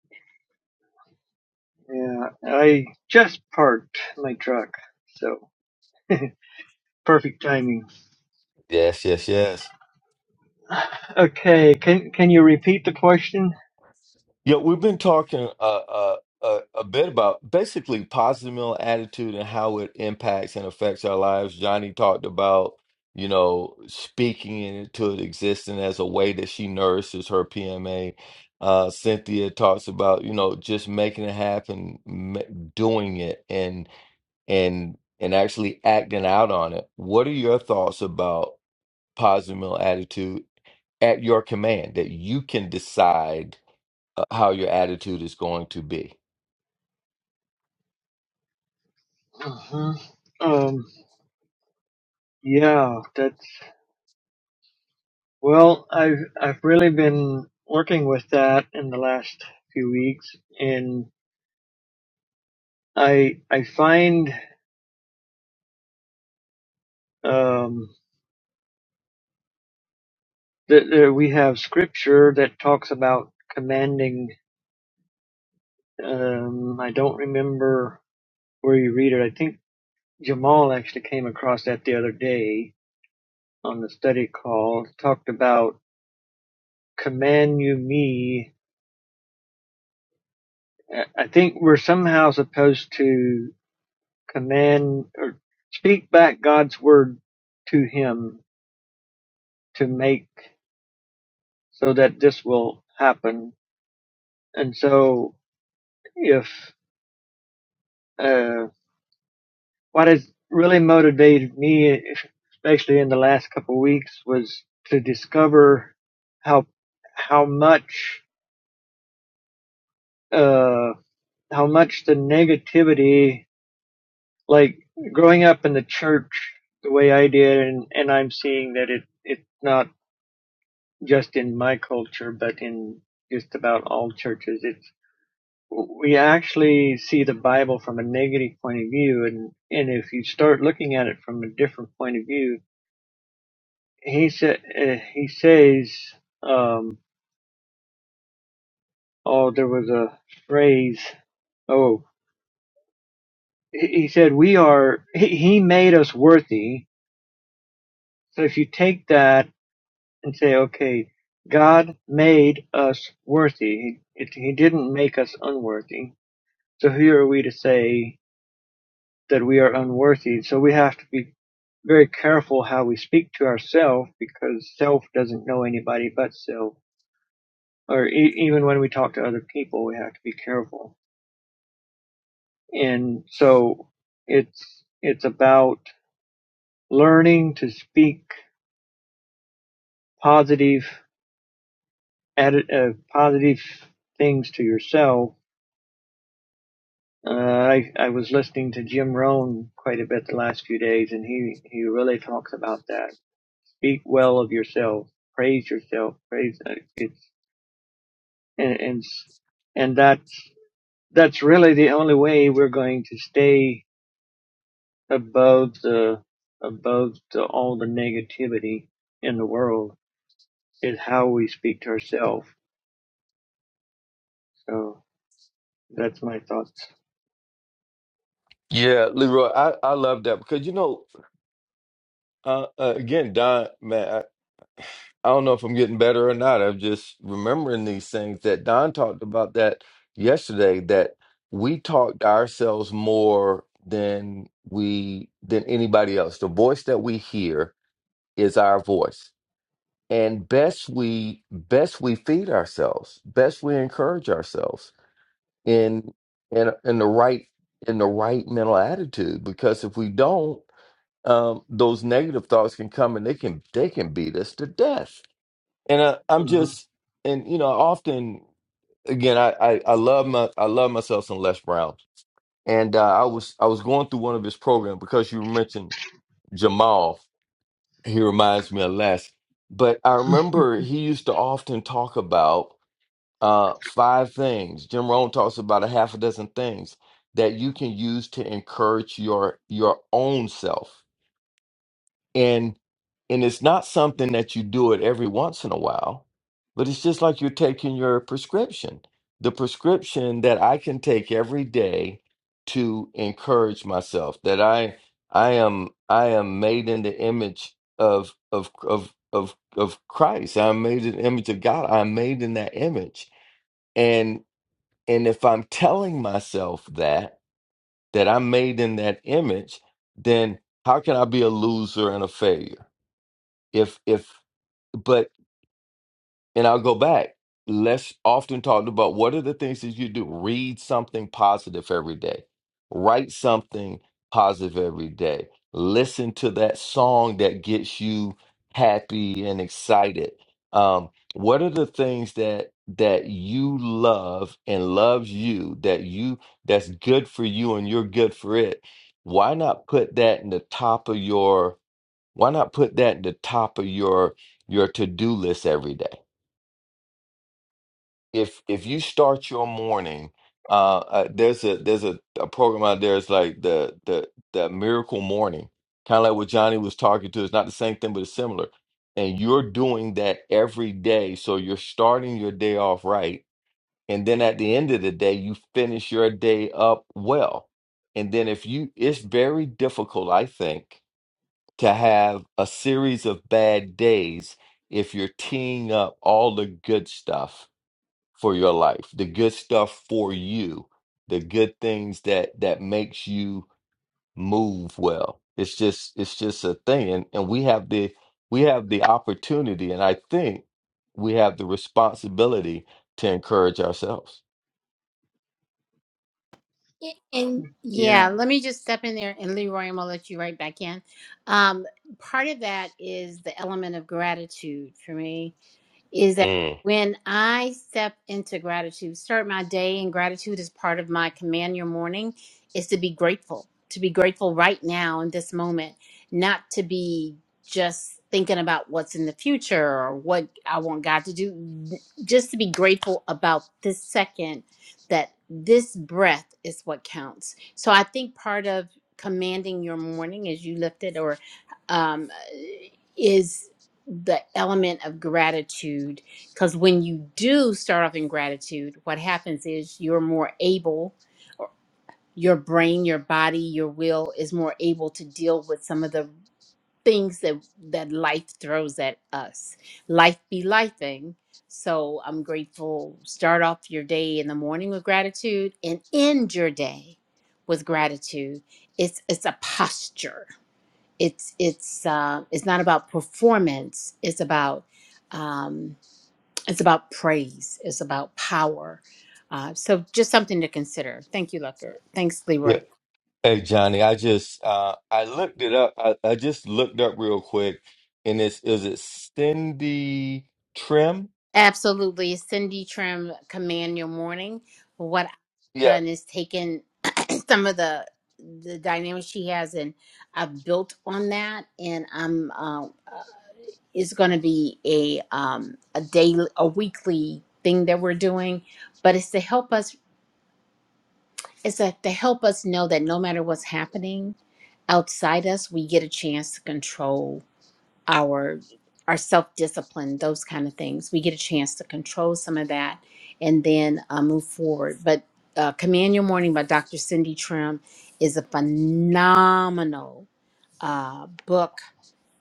Yeah, I just parked my truck, so *laughs* perfect timing. Yes, yes, yes. Okay, can can you repeat the question? Yeah, we've been talking uh, uh, uh, a bit about basically positive mental attitude and how it impacts and affects our lives. Johnny talked about, you know, speaking into it existing as a way that she nourishes her PMA. Uh, Cynthia talks about, you know, just making it happen, ma doing it, and and and actually acting out on it. What are your thoughts about positive mental attitude at your command that you can decide? uh, how your attitude is going to be. hmm Um, yeah, that's well. I've I've really been working with that in the last few weeks, and I I find um, that, that we have scripture that talks about commanding. Um, I don't remember where you read it. I think Jamal actually came across that the other day on the study call, talked about command you me. I think we're somehow supposed to command or speak back God's word to him to make so that this will happen. And so if, uh, what has really motivated me, especially in the last couple of weeks was to discover how, how much, uh, how much the negativity, like growing up in the church the way I did, and, and I'm seeing that it it's not just in my culture, but in just about all churches. It's we actually see the Bible from a negative point of view, and and if you start looking at it from a different point of view, he said uh, he says, um, oh, there was a phrase, oh, he he said we are he, he made us worthy So if you take that and say, okay, God made us worthy. He, he didn't make us unworthy. So who are we to say that we are unworthy? So we have to be very careful how we speak to ourselves because self doesn't know anybody but self. Or e- even when we talk to other people, we have to be careful. And so it's, it's about learning to speak positive, atti- uh, positive things to yourself Uh, I I was listening to Jim Rohn quite a bit the last few days, and he he really talks about that. Speak well of yourself, praise yourself, praise uh, it's and and and that's that's really the only way we're going to stay above the above the, all the negativity in the world is how we speak to ourselves. So that's my thoughts. Yeah, Leroy, I, I love that because you know, uh, uh, again, Don, man, I, I don't know if I'm getting better or not. I'm just remembering these things that Don talked about that yesterday. That we talked ourselves more than we than anybody else. The voice that we hear is our voice, and best we best we feed ourselves, best we encourage ourselves. in in in the right in the right mental attitude because if we don't um those negative thoughts can come and they can they can beat us to death and I, i'm hmm just and you know often again I, I i love my i love myself some les brown and uh, i was i was going through one of his programs because you mentioned jamal he reminds me of les but i remember he used to often talk about uh, five things. Jim Rohn talks about a half a dozen things that you can use to encourage your your own self. And and it's not something that you do it every once in a while, but it's just like you're taking your prescription. The prescription that I can take every day to encourage myself that I I am I am made in the image of of of of of Christ. I'm made in the image of God. I'm made in that image and if I'm telling myself that, that I'm made in that image, then how can I be a loser and a failure? If, if, but and I'll go back. Let's often talk about what are the things that you do. Read something positive every day. Write something positive every day. Listen to that song that gets you happy and excited. Um, what are the things that that you love and loves you that you that's good for you and you're good for it? Why not put that in the top of your why not put that in the top of your your to-do list every day? if if you start your morning uh, uh there's a there's a, a program out there it's like the the the miracle morning kind of like what johnny was talking to it's not the same thing but it's similar and you're doing that every day so you're starting your day off right and then at the end of the day you finish your day up well and then if you it's very difficult i think to have a series of bad days if you're teeing up all the good stuff for your life, the good stuff for you, the good things that that makes you move well. It's just it's just a thing, and, and we have the we have the opportunity, and I think we have the responsibility to encourage ourselves. Yeah, And yeah, Yeah. let me just step in there and Leroy, I'm gonna let you right back in. Um, part of that is the element of gratitude for me. is that Mm. when I step into gratitude, start my day, and gratitude is part of my command your morning, is to be grateful, to be grateful right now in this moment, not to be just thinking about what's in the future or what I want God to do, just to be grateful about this second that this breath is what counts. So I think part of commanding your morning as you lift it or um, is the element of gratitude because when you do start off in gratitude what happens is you're more able or your brain your body your will is more able to deal with some of the things that that life throws at us life be lifing so i'm grateful start off your day in the morning with gratitude and end your day with gratitude it's it's a posture it's it's uh, it's not about performance. It's about um, it's about praise. It's about power. Uh, so just something to consider. Thank you, Lucker. Thanks, Leroy. Yeah. Hey Johnny, I just uh I looked it up. I, I just looked up real quick and it's is it Cindy Trim? Absolutely, Cindy Trim, command your morning. What I've Yeah. done is taken *clears throat* some of the the dynamics she has, and I've built on that, and I'm uh, is going to be a um, a daily, a weekly thing that we're doing, but it's to help us. is that they help us know that no matter what's happening outside us, we get a chance to control our our self discipline, those kind of things. We get a chance to control some of that and then uh, move forward. But uh, Command Your Morning by Dr. Cindy Trim is a phenomenal uh, book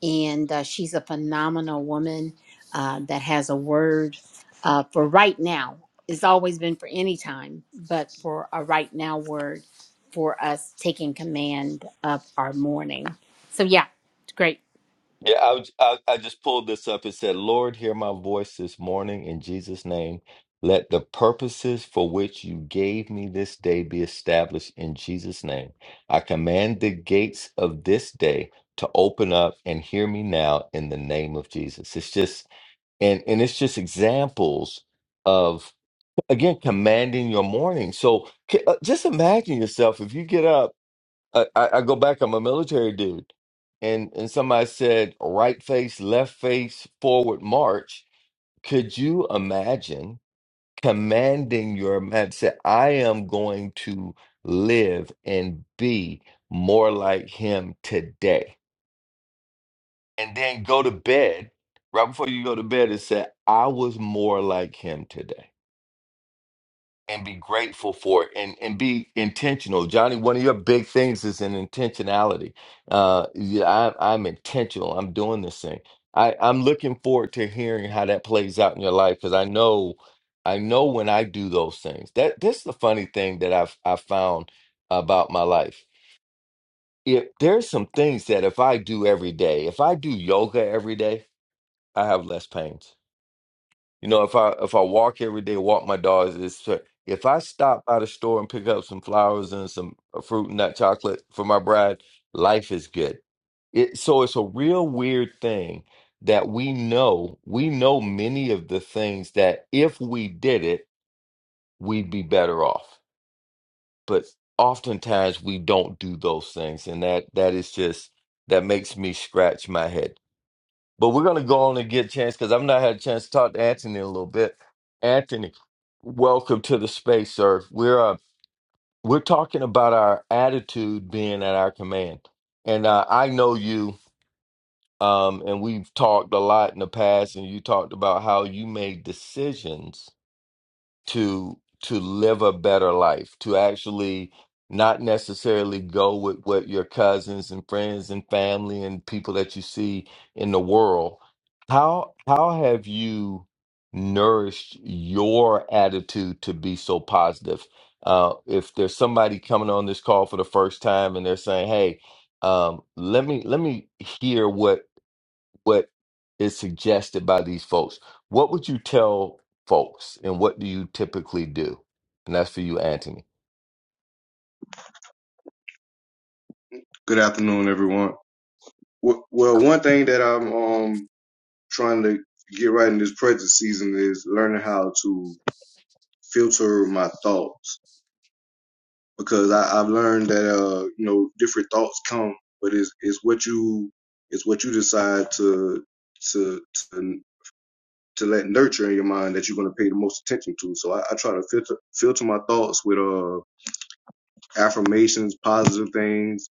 and uh, she's a phenomenal woman uh, that has a word uh, for right now. It's always been for any time, but for a right now word for us taking command of our morning. So, yeah, it's great. Yeah, I, was- I I just pulled this up. It said, "Lord, hear my voice this morning in Jesus' name. Let the purposes for which you gave me this day be established in Jesus' name. I command the gates of this day to open up and hear me now in the name of Jesus." It's just and and it's just examples of again commanding your morning. So c- uh, just imagine yourself if you get up I, I I go back. I'm a military dude, and and somebody said right face, left face, forward march. Could you imagine commanding your man? Say, I am going to live and be more like him today, and then go to bed right before you go to bed and say, I was more like him today. and be grateful for it and, and be intentional. Johnny, one of your big things is an intentionality. Uh, yeah, I, I'm intentional. I'm doing this thing. I, I'm looking forward to hearing how that plays out in your life because I know I know when I do those things. That that's the funny thing that I've I found about my life. If there's some things that if I do every day, if I do yoga every day, I have less pains you know, if I if I walk every day, walk my dogs, it's fair. if I stop by the store and pick up some flowers and some uh, fruit and nut chocolate for my bride, life is good. It so it's a real weird thing that we know we know many of the things that if we did it, we'd be better off. But oftentimes we don't do those things, and that that is just that makes me scratch my head. But we're gonna go on and get a chance because I've not had a chance to talk to Anthony in a little bit. Anthony, welcome to the space, sir. We're uh, we're talking about our attitude being at our command, and uh, I know you, um, and we've talked a lot in the past, and you talked about how you made decisions to to live a better life, to actually not necessarily go with what your cousins and friends and family and people that you see in the world. How how have you nourished your attitude to be so positive? Uh, if there's somebody coming on this call for the first time and they're saying, "Hey, um, let me let me hear what." what is suggested by these folks. What would you tell folks, and what do you typically do? And that's for you, Anthony. Good afternoon, everyone. W- Well, one thing that I'm um trying to get right in this present season is learning how to filter my thoughts because I, I've learned that uh you know different thoughts come, but it's it's what you it's what you decide to to to to let nurture in your mind that you're going to pay the most attention to. So I, I try to filter filter my thoughts with uh affirmations, positive things,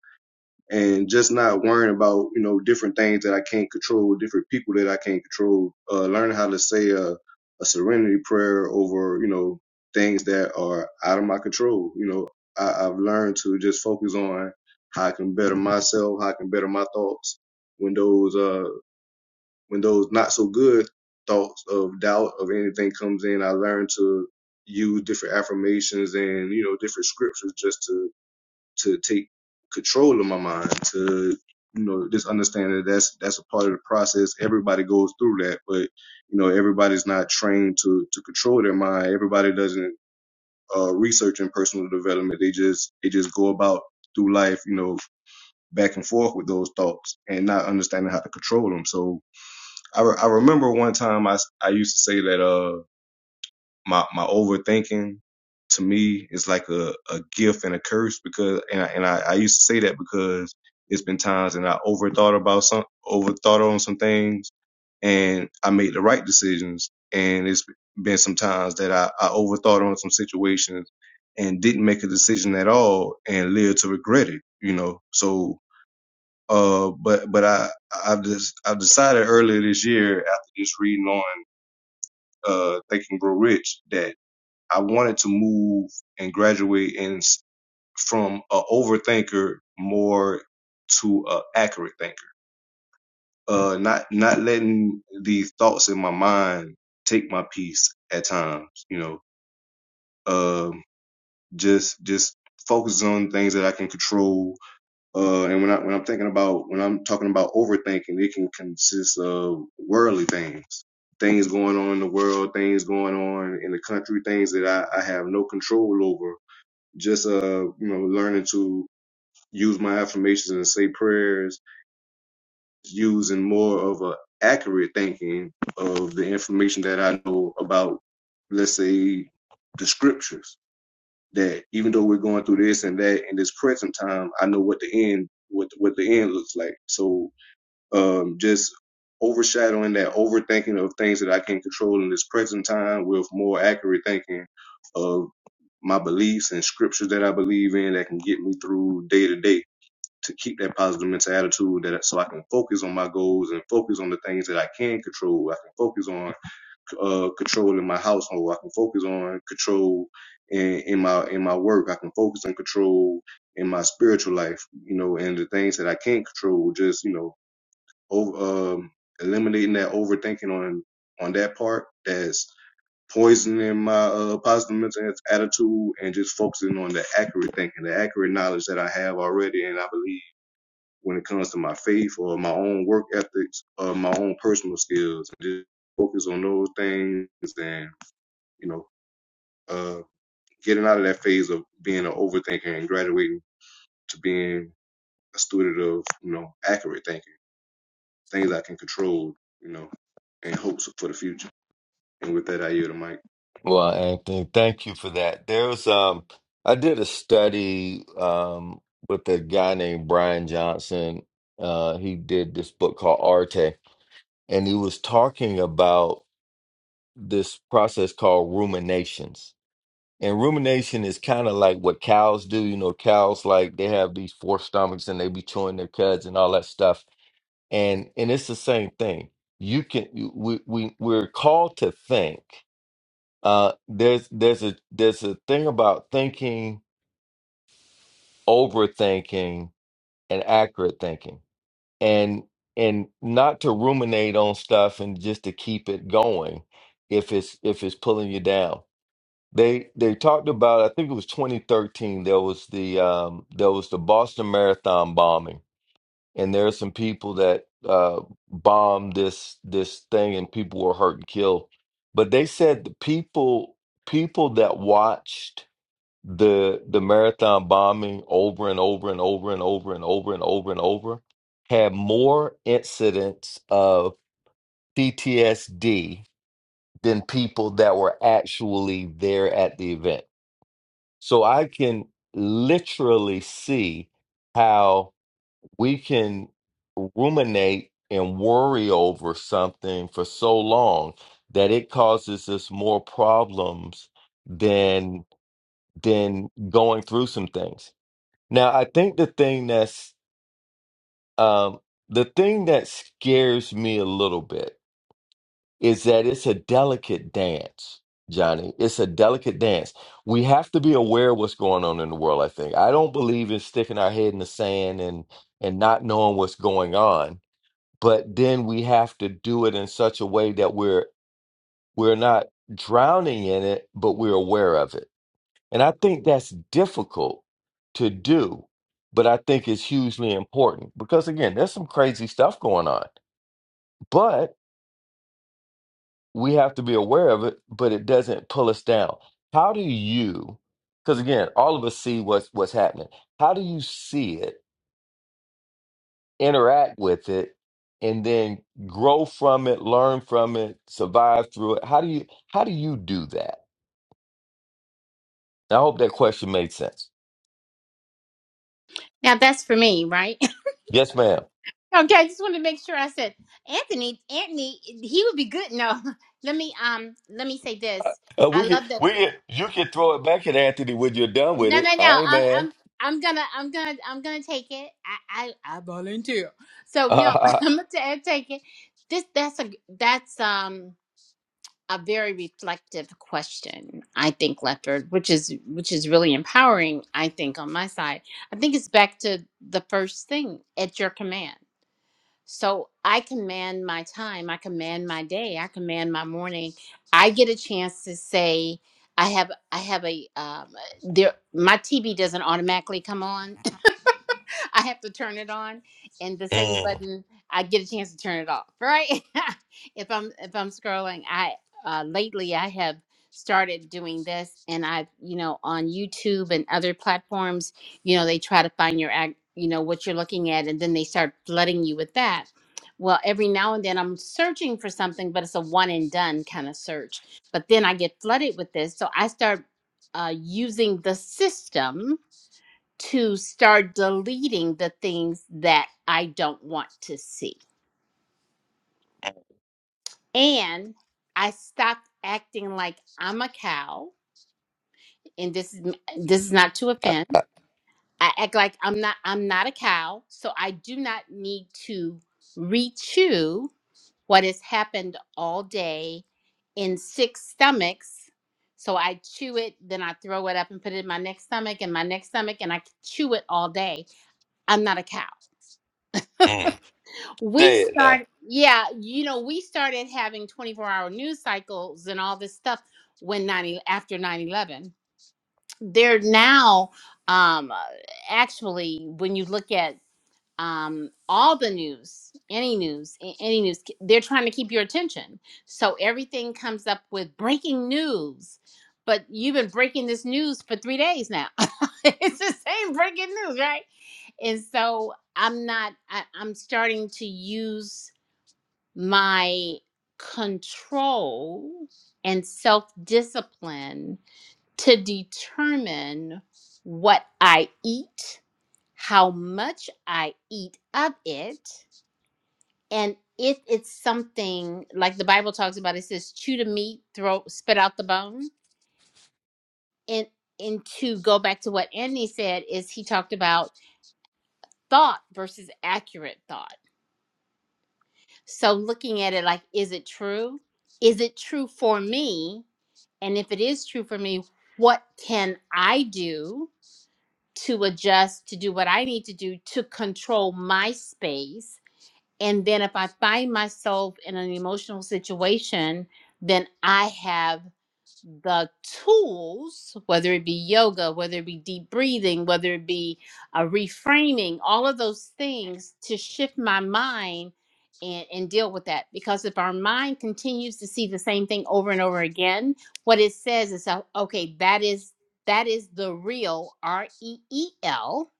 and just not worrying about you know different things that I can't control, different people that I can't control. Uh, learning how to say a, a serenity prayer over you know things that are out of my control. You know, I, I've learned to just focus on how I can better myself, how I can better my thoughts when those uh when those not so good thoughts of doubt of anything comes in. I learned to use different affirmations and you know different scriptures just to to take control of my mind to you know just understand that that's that's a part of the process everybody goes through that but you know everybody's not trained to to control their mind everybody doesn't uh research in personal development they just they just go about through life you know back and forth with those thoughts and not understanding how to control them so i, re- I remember one time I I used to say that uh my my overthinking to me is like a, a gift and a curse because and I, and I, I used to say that because it's been times and I overthought about some overthought on some things and I made the right decisions and it's been some times that I, I overthought on some situations and didn't make a decision at all and live to regret it you know so uh but but I I've just I've decided earlier this year after just reading on uh Think and Grow Rich that I wanted to move and graduate and s- from a overthinker more to a accurate thinker. Uh, not not letting the thoughts in my mind take my peace at times. You know, um, just just focus on things that I can control. Uh, and when I when I'm thinking about when I'm talking about overthinking, it can consist of worldly things, things going on in the world, things going on in the country, things that I, I have no control over just uh you know learning to use my affirmations and say prayers using more of a accurate thinking of the information that i know about let's say the scriptures that even though we're going through this and that in this present time i know what the end what what the end looks like so um, just overshadowing that overthinking of things that I can control in this present time with more accurate thinking of my beliefs and scriptures that I believe in that can get me through day to day to keep that positive mental attitude that so I can focus on my goals and focus on the things that I can control. I can focus on uh, controlling my household. I can focus on control in, in my in my work. I can focus on control in my spiritual life, you know, and the things that I can't control, just, you know, over, um, eliminating that overthinking on on that part that's poisoning my uh, positive mental attitude and just focusing on the accurate thinking, the accurate knowledge that I have already. And I believe when it comes to my faith or my own work ethics or my own personal skills, and just focus on those things and, you know, uh, getting out of that phase of being an overthinker and graduating to being a student of, you know, accurate thinking. things I can control, you know, and hopes for the future. And with that, I yield the mic. Well, Anthony, thank you for that. There's um, I did a study um with a guy named Brian Johnson. Uh, he did this book called Arte, and he was talking about this process called ruminations. And rumination is kind of like what cows do. You know, cows like they have these four stomachs and they be chewing their cuds and all that stuff and and it's the same thing you can you- we, we we're called to think uh there's there's a there's a thing about thinking overthinking and accurate thinking and and not to ruminate on stuff and just to keep it going if it's if it's pulling you down they they talked about i think it was 2013 there was the um there was the boston marathon bombing and there are some people that uh bombed this this thing and people were hurt and killed but they said the people people that watched the the marathon bombing over and over and over and over and over and over and over had more incidents of PTSD than people that were actually there at the event so i can literally see how we can ruminate and worry over something for so long that it causes us more problems than than going through some things. Now, I think the thing that's um, the thing that scares me a little bit is that it's a delicate dance, Johnny. It's a delicate dance. We have to be aware of what's going on in the world, I think. I don't believe in sticking our head in the sand and and not knowing what's going on but then we have to do it in such a way that we're we're not drowning in it but we're aware of it and i think that's difficult to do but i think it's hugely important because again there's some crazy stuff going on but we have to be aware of it but it doesn't pull us down how do you because again all of us see what's what's happening how do you see it interact with it and then grow from it learn from it survive through it how do you how do you do that i hope that question made sense Now, that's for me, right? yes ma'am *laughs* okay, I just wanted to make sure I said Anthony, Anthony, he would be good. No, *laughs* let me um, let me say this. uh, I we can love we that. can you can throw it back at anthony when you're done with No, it no, i no. ain't I'm, mad I'm, I'm gonna, I'm gonna, I'm gonna take it. I, I, I volunteer. *laughs* So no, *laughs* uh, I'm gonna ta- take it. This, that's a, that's um a very reflective question. I think Lefford, which is, which is really empowering. I think on my side, I think it's back to the first thing at your command. So I command my time, I command my day, I command my morning. I get a chance to say I have I have a um there my TV doesn't automatically come on I have to turn it on, and the same mm, button I get a chance to turn it off. Right? *laughs* if I'm if I'm scrolling, I uh, lately I have started doing this, and I've you know on YouTube and other platforms, you know they try to find your act, you know what you're looking at, and then they start flooding you with that. Well, every now and then I'm searching for something, but it's a one and done kind of search. But then I get flooded with this, so I start uh, using the system to start deleting the things that I don't want to see. And I stopped acting like I'm a cow. And this is this is not to uh, offend. uh, I act like I'm not I'm not a cow, so I do not need to rechew what has happened all day in six stomachs. So I chew it, then I throw it up and put it in my next stomach and my next stomach, and I chew it all day. I'm not a cow. mm. we say it now started yeah you know we started having 24 hour news cycles and all this stuff when 90 after nine eleven. they're now um uh, actually when you look at um all the news any news a- any news k- they're trying to keep your attention so everything comes up with breaking news but you've been breaking this news for three days now *laughs* it's the same breaking news right and so i'm not I, i'm starting to use my control and self discipline to determine what I eat, how much I eat of it, and if it's something like the Bible talks about, it says, chew the meat, throw, spit out the bone. And, and to go back to what Andy said, is he talked about thought versus accurate thought. So looking at it like, is it true? Is it true for me? And if it is true for me, what can I do to adjust, to do what I need to do to control my space? And then if I find myself in an emotional situation, then I have the tools, whether it be yoga, whether it be deep breathing, whether it be a reframing, all of those things to shift my mind and, and deal with that. Because if our mind continues to see the same thing over and over again, what it says is, uh, okay, that is that is the real R E E L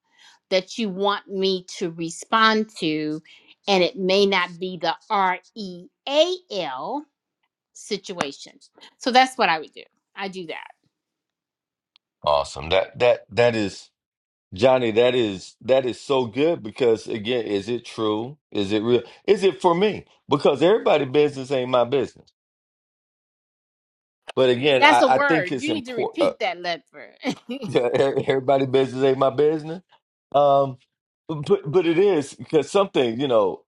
that you want me to respond to, and it may not be the R E A L situation. So that's what I would do. I do that. awesome that that that is johnny that is that is so good because again is it true is it real is it for me because everybody business ain't my business But again, That's I, a I think word. it's You need to important. Uh, repeat that letter. *laughs* yeah, e- everybody business ain't my business. Um, but but it is because something you know.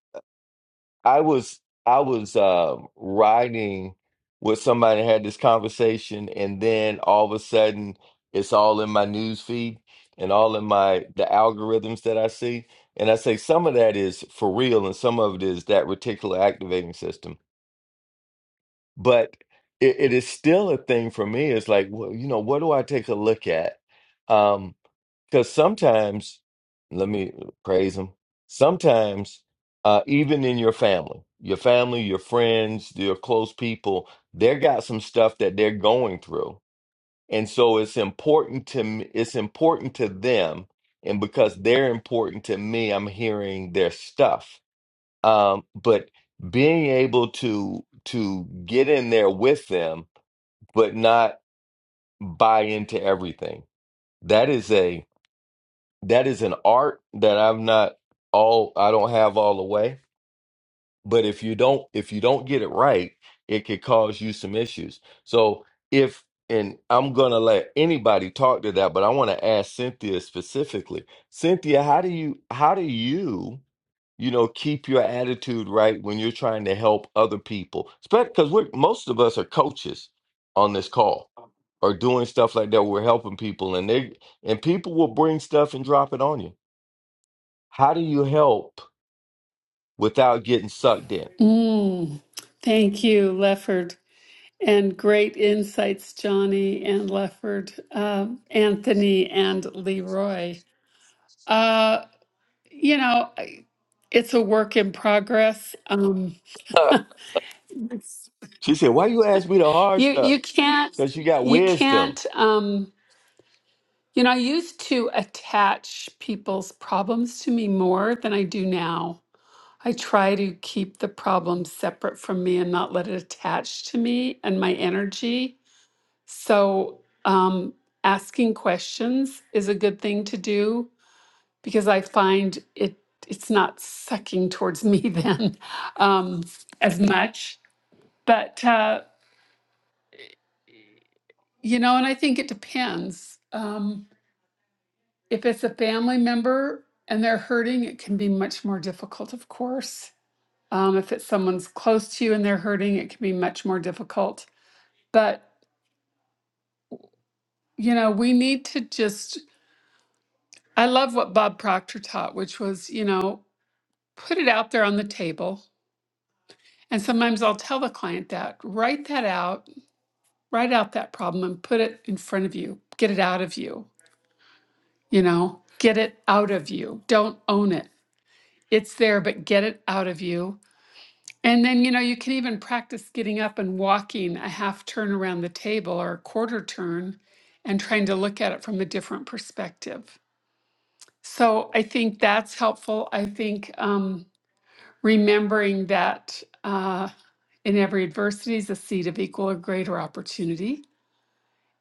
I was I was um, riding with somebody had this conversation, and then all of a sudden, it's all in my news feed and all in my the algorithms that I see. And I say some of that is for real, and some of it is that reticular activating system. but it, it is still a thing for me. It's like, well, you know, what do I take a look at? Um, because sometimes, let me praise him. Sometimes, uh, even in your family, your family, your friends, your close people, they got some stuff that they're going through, and so it's important to me, it's important to them, and because they're important to me, I'm hearing their stuff um, but being able to to get in there with them but not buy into everything that is a that is an art that i'm not all i don't have all the way but if you don't if you don't get it right it could cause you some issues so if and i'm gonna let anybody talk to that but i want to ask cynthia specifically cynthia how do you how do you you know keep your attitude right when you're trying to help other people because we're most of us are coaches on this call or doing stuff like that we're helping people and they and people will bring stuff and drop it on you how do you help without getting sucked in Mm, thank you, Lefford. And great insights, Johnny and Lefford, um, Anthony and Leroy. Uh, you know, I- it's a work in progress. Um, she said why you ask me the hard You stuff you can't because you got you wisdom can't um you know I used to attach people's problems to me more than I do now. I try to keep the problem separate from me and not let it attach to me and my energy. So um asking questions is a good thing to do because I find it it's not sucking towards me *laughs* then um as much. But uh you know and I think it depends. Um if it's a family member and they're hurting, it can be much more difficult, of course. Um, if it's someone's close to you and they're hurting, it can be much more difficult. But, you know, we need to just, I love what Bob Proctor taught, which was, you know, put it out there on the table. And sometimes I'll tell the client that, write that out, write out that problem and put it in front of you, get it out of you, you know, get it out of you. Don't own it. It's there, but get it out of you And then, you know, you can even practice getting up and walking a half turn around the table or a quarter turn and trying to look at it from a different perspective. So I think that's helpful. I think um, remembering that uh, in every adversity is a seed of equal or greater opportunity.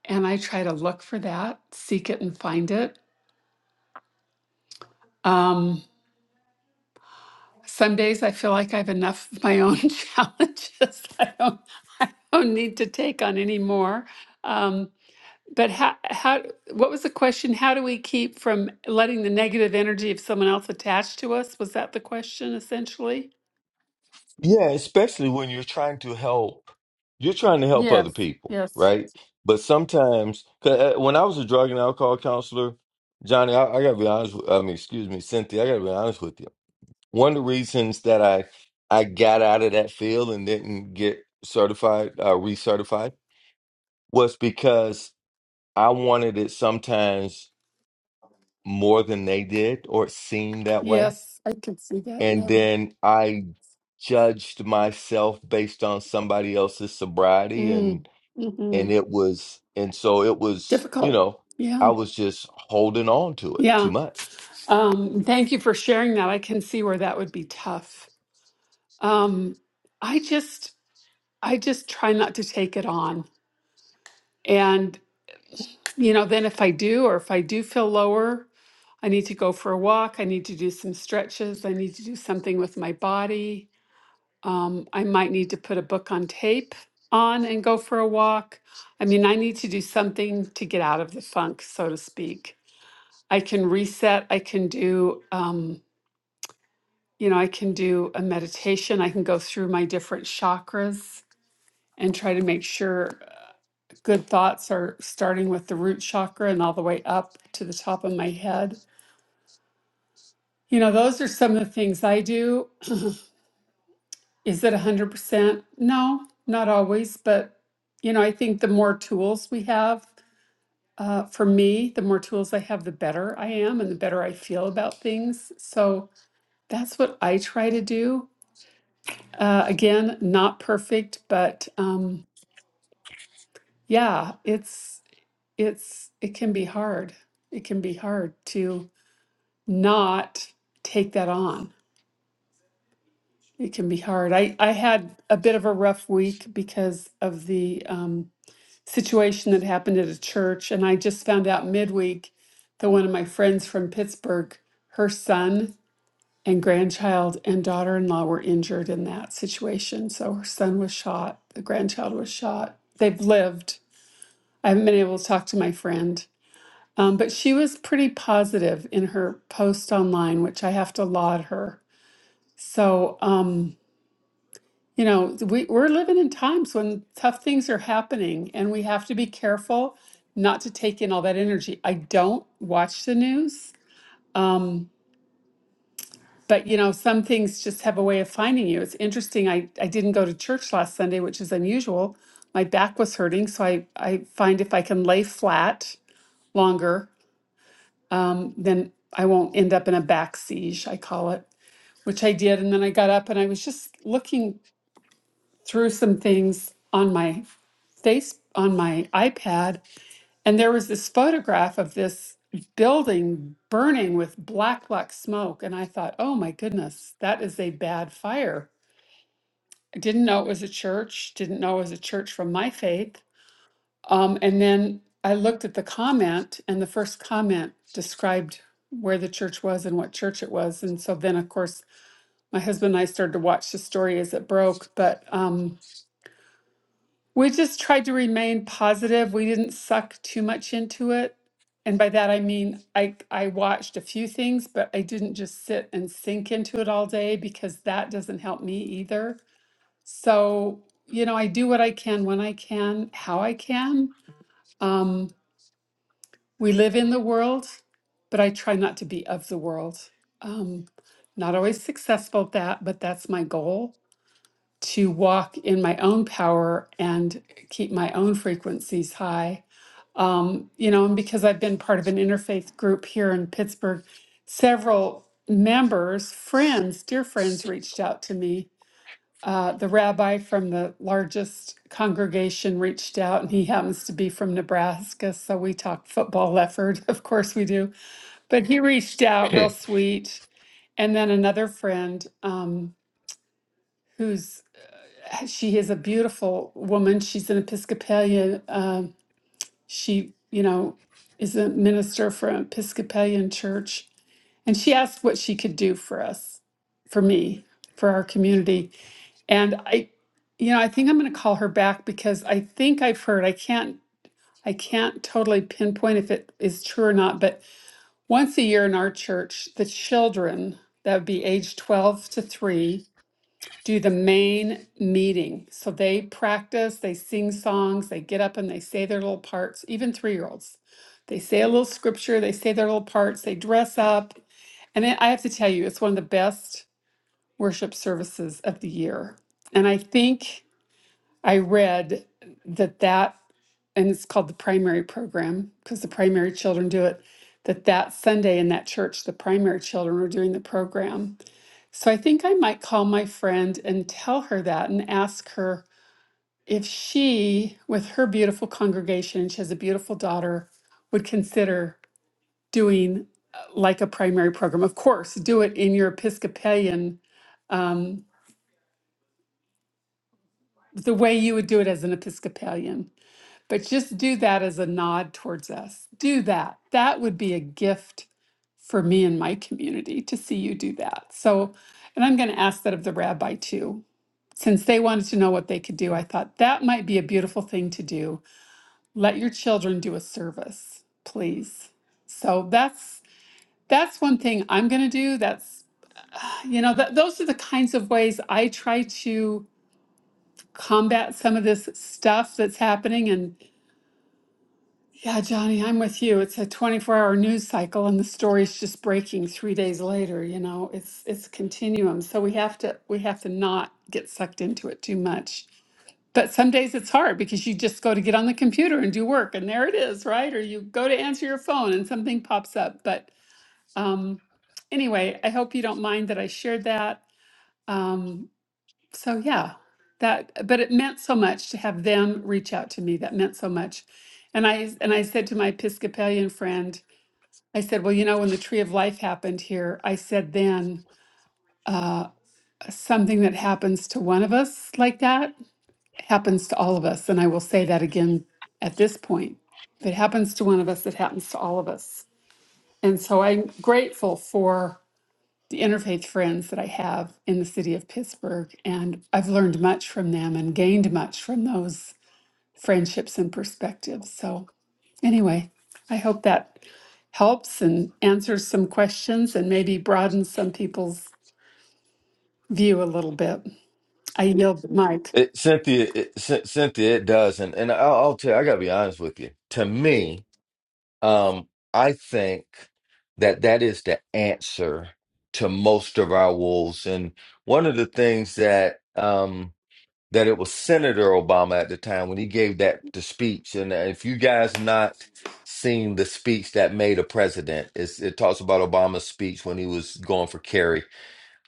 And I try to look for that, seek it, and find it. Um, some days I feel like I have enough of my own *laughs* challenges. I don't, don't need to take on any more. Um, But how, how, what was the question? How do we keep from letting the negative energy of someone else attach to us? Was that the question essentially? Yeah, especially when you're trying to help, you're trying to help other Yes, people, yes. right? But sometimes, 'cause, uh, when I was a drug and alcohol counselor, Johnny, I, I gotta be honest with, I mean, excuse me, Cynthia, I gotta be honest with you. One of the reasons that I I got out of that field and didn't get certified, uh, recertified, was because I wanted it sometimes more than they did, or it seemed that way Yes, I can see that. and Yeah. then I judged myself based on somebody else's sobriety Mm, and hmm and it was and so it was you Difficult. know I Yeah. was just holding on to it too Yeah. much. Um, thank you for sharing that. I can see where that would be tough. Um, I just, I just try not to take it on. you know, then if I do, or if I do feel lower, I need to go for a walk. I need to do some stretches. I need to do something with my body. Um, I might need to put a book on tape on and go for a walk. I mean, I need to do something to get out of the funk, so to speak. I can reset. I can do, um, you know, I can do a meditation. I can go through my different chakras and try to make sure uh, good thoughts are starting with the root chakra and all the way up to the top of my head You know, those are some of the things I do. Is it 100%? No, not always. But, you know, I think the more tools we have, uh, for me, the more tools I have, the better I am and the better I feel about things. So that's what I try to do. Uh, again, not perfect, but um, yeah, it's, it's, it can be hard. It can be hard to not take that on It can be hard. I, I had a bit of a rough week because of the um, situation that happened at a church. And I just found out midweek that one of my friends from Pittsburgh, her son and grandchild and daughter in law were injured in that situation. So her son was shot, the grandchild was shot. They've lived. I haven't been able to talk to my friend. Um, but she was pretty positive in her post online, which I have to laud her. So, um, You know, we, we're living in times when tough things are happening and we have to be careful not to take in all that energy. I don't watch the news. Um, but you know, some things just have a way of finding you. It's interesting. I, I didn't go to church last Sunday, which is unusual. My back was hurting, so I, I find if I can lay flat longer, um, then I won't end up in a back siege, I call it, which I did. And then I got up and I was just looking through some things on my face on my iPad, and there was this photograph of this building burning with black, black smoke. And I thought, oh my goodness, that is a bad fire. I didn't know it was a church, didn't know it was a church from my faith. Um, and then I looked at the comment, and the first comment described where the church was and what church it was. And so then, of course, my husband and I started to watch the story as it broke. But um, We just tried to remain positive. We didn't suck too much into it. And by that I mean I I watched a few things, but I didn't just sit and sink into it all day because that doesn't help me either. So, you know, I do what I can when I can, how I can. Um, we live in the world, but I try not to be of the world. Um, not always successful at that, but that's my goal to walk in my own power and keep my own frequencies high. Um, you know, and because I've been part of an interfaith group here in Pittsburgh, several members, friends, dear friends, reached out to me. Uh, the rabbi from the largest congregation reached out, and he happens to be from Nebraska. So we talk football, Lefford. *laughs* Of course we do. But he reached out real *clears throat* sweet. And then another friend um, who's she is a beautiful woman. She's an Episcopalian. Um, she, you know, is a minister for an Episcopalian church. And she asked what she could do for us, for me, for our community. And I, you know, I think I'm going to call her back because I think I've heard, I can't, I can't totally pinpoint if it is true or not, but once a year in our church, the children that would be age 12 to 3 do the main meeting. So they practice, they sing songs, they get up and they say their little parts, even three year olds. They say a little scripture, they say their little parts, they dress up. And I I have to tell you, it's one of the best worship services of the year. And I think I read that that, and it's called the primary program because the primary children do it, that that Sunday in that church, the primary children were doing the program. So I think I might call my friend and tell her that and ask her if she, with her beautiful congregation, she has a beautiful daughter, would consider doing uh, like a primary program. Of course, do it in your Episcopalian, um, the way you would do it as an Episcopalian, but just do that as a nod towards us. Do that. That would be a gift for me and my community to see you do that. So, and I'm going to ask that of the rabbi too. Since they wanted to know what they could do, I thought that might be a beautiful thing to do. Let your children do a service, please. So that's that's one thing I'm going to do. That's you know, th- those are the kinds of ways I try to combat some of this stuff that's happening and yeah, Johnny, I'm with you. It's a 24-hour news cycle and the story's just breaking 3 days later, you know. It's it's a continuum. So we have to we have to not get sucked into it too much But some days it's hard because you just go to get on the computer and do work, and there it is, right? Or you go to answer your phone and something pops up. But um, anyway, I hope you don't mind that I shared that. Um, so yeah, that. But it meant so much to have them reach out to me. That meant so much, and I and I said to my Episcopalian friend, I said, well, you know, when the Tree of Life happened here, I said then uh, something that happens to one of us like that happens to all of us. And I will say that again at this point. If it happens to one of us, it happens to all of us. And so I'm grateful for the interfaith friends that I have in the city of Pittsburgh. And I've learned much from them and gained much from those friendships and perspectives. So, anyway, I hope that helps and answers some questions and maybe broadens some people's view a little bit. I yield the mic. It, Cynthia, it, Cyn- Cynthia, it does, and and I'll, I'll tell you, I gotta be honest with you. To me, um, I think that that is the answer to most of our wolves, and one of the things that um that it was Senator Obama at the time when he gave that the speech. And if you guys not seen the speech that made a president, it's, it talks about Obama's speech when he was going for Kerry.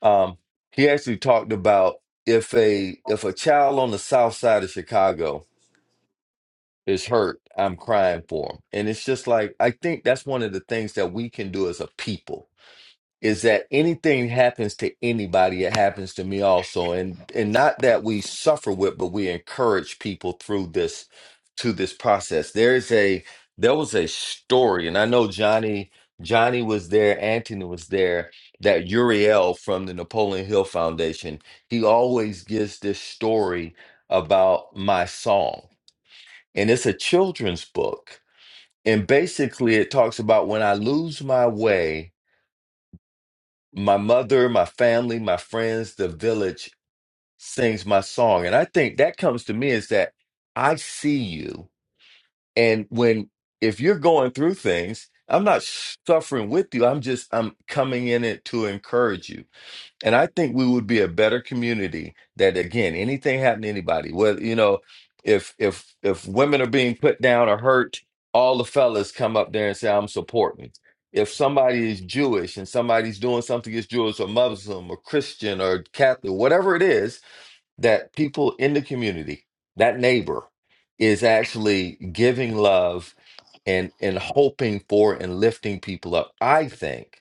Um, he actually talked about if a if a child on the south side of Chicago is hurt, I'm crying for him. And it's just like I think that's one of the things that we can do as a people is that anything happens to anybody, it happens to me also. And and not that we suffer with, but we encourage people through this to this process. There is a there was a story, and I know Johnny Johnny was there, Anthony was there, that Uriel from the Napoleon Hill Foundation, he always gives this story about my song. And it's a children's book. And basically it talks about when I lose my way my mother, my family, my friends, the village sings my song. And I think that comes to me is that I see you. And when, if you're going through things, I'm not suffering with you. I'm just, I'm coming in it to encourage you. And I think we would be a better community that again, anything happen to anybody, whether you know, if if if women are being put down or hurt, all the fellas come up there and say, I'm supporting. If somebody is Jewish and somebody's doing something that's Jewish or Muslim or Christian or Catholic, whatever it is, that people in the community, that neighbor, is actually giving love and and hoping for and lifting people up. I think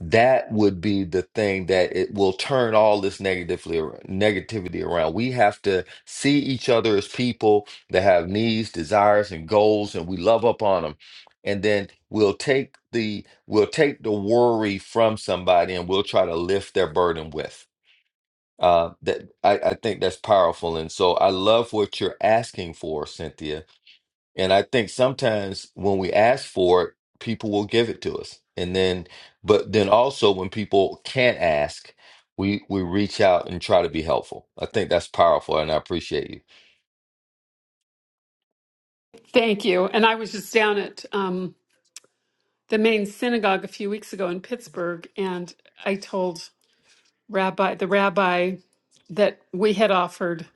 that would be the thing that it will turn all this negatively negativity around. We have to see each other as people that have needs, desires, and goals, and we love up on them. And then we'll take the we'll take the worry from somebody, and we'll try to lift their burden with. Uh, that I, I think that's powerful, and so I love what you're asking for, Cynthia and I think sometimes when we ask for it, people will give it to us. And then, but then also when people can't ask, we we reach out and try to be helpful. I think that's powerful, and I appreciate you. Thank you. And I was just down at um, the main synagogue a few weeks ago in Pittsburgh, and I told Rabbi the rabbi that we had offered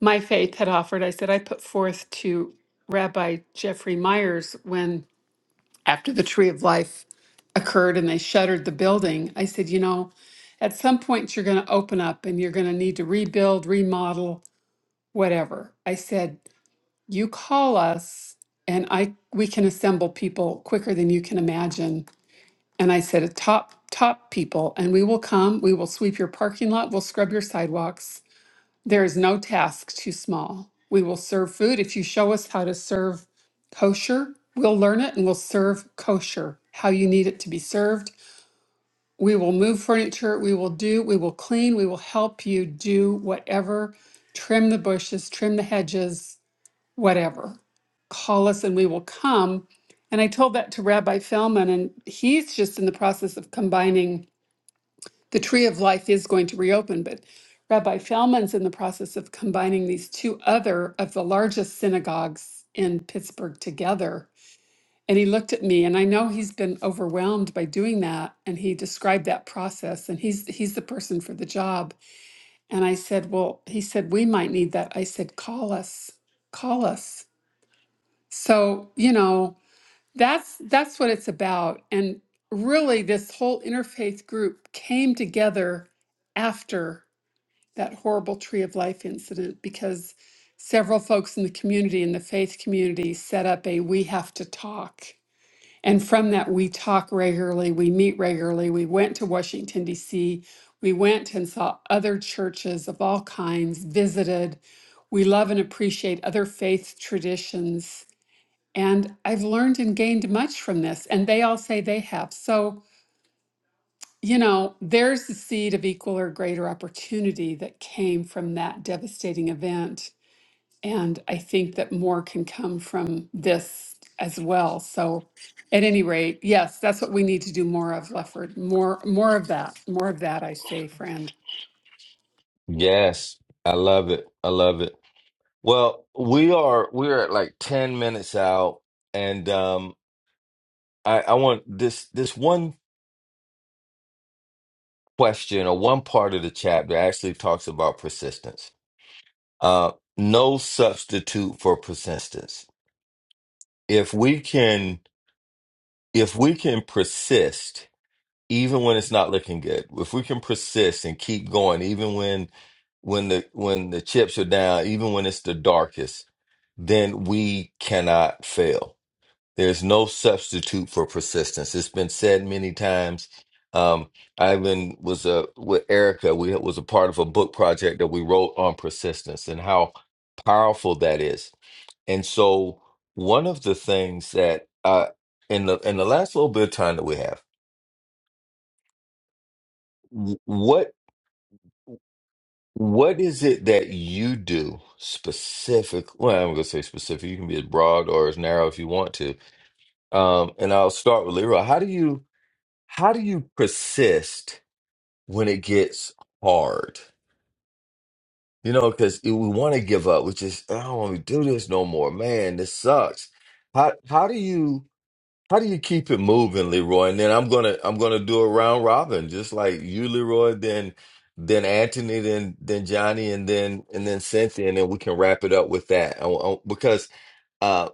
my faith had offered. I said I put forth to Rabbi Jeffrey Myers when after the Tree of Life occurred and they shuttered the building. I said, you know, at some point you're going to open up and you're going to need to rebuild, remodel, whatever. I said, you call us and I we can assemble people quicker than you can imagine and I said, top, top people, and we will come, we will sweep your parking lot, we'll scrub your sidewalks. There is no task too small. We will serve food. If you show us how to serve kosher, we'll learn it and we'll serve kosher, how you need it to be served. We will move furniture, we will do, we will clean, we will help you do whatever, trim the bushes, trim the hedges whatever. Call us and we will come. And I told that to Rabbi Feldman, and he's just in the process of combining the Tree of Life is going to reopen, but Rabbi Feldman's in the process of combining these two other of the largest synagogues in Pittsburgh together. And he looked at me, and I know he's been overwhelmed by doing that. And he described that process, and he's he's the person for the job. And I said, Well, he said, we might need that. I said, Call us, call us. So, you know, that's that's what it's about. And really this whole interfaith group came together after that horrible Tree of Life incident because several folks in the community in the faith community set up a we have to talk. And from that we talk regularly, we meet regularly. We went to Washington DC. We went and saw other churches of all kinds, visited. We love and appreciate other faith traditions and I've learned and gained much from this, and they all say they have. So, you know, there's the seed of equal or greater opportunity that came from that devastating event. And I think that more can come from this as well. So, at any rate, yes, that's what we need to do more of, Lefford. More, more of that. More of that, I say, friend. Yes, I love it. I love it. Well, we are we are at like ten minutes out, and um, I I want this this one question or one part of the chapter actually talks about persistence. Uh, no substitute for persistence. If we can if we can persist even when it's not looking good if we can persist and keep going even when when the when the chips are down even when it's the darkest then we cannot fail there's no substitute for persistence it's been said many times um i even was a with erica we was a part of a book project that we wrote on persistence and how powerful that is and so one of the things that uh in the in the last little bit of time that we have, wh- what what is it that you do specific? Well, I'm gonna say specific. You can be as broad or as narrow if you want to. Um, and I'll start with Leroy. How do you how do you persist when it gets hard? You know, because we want to give up. We just I don't want to do this no more. Man, this sucks. How how do you? How do you keep it moving, Leroy? And then I'm gonna I'm gonna do a round robin, just like you, Leroy, then then Anthony, then then Johnny, and then and then Cynthia, and then we can wrap it up with that. I- I- because uh,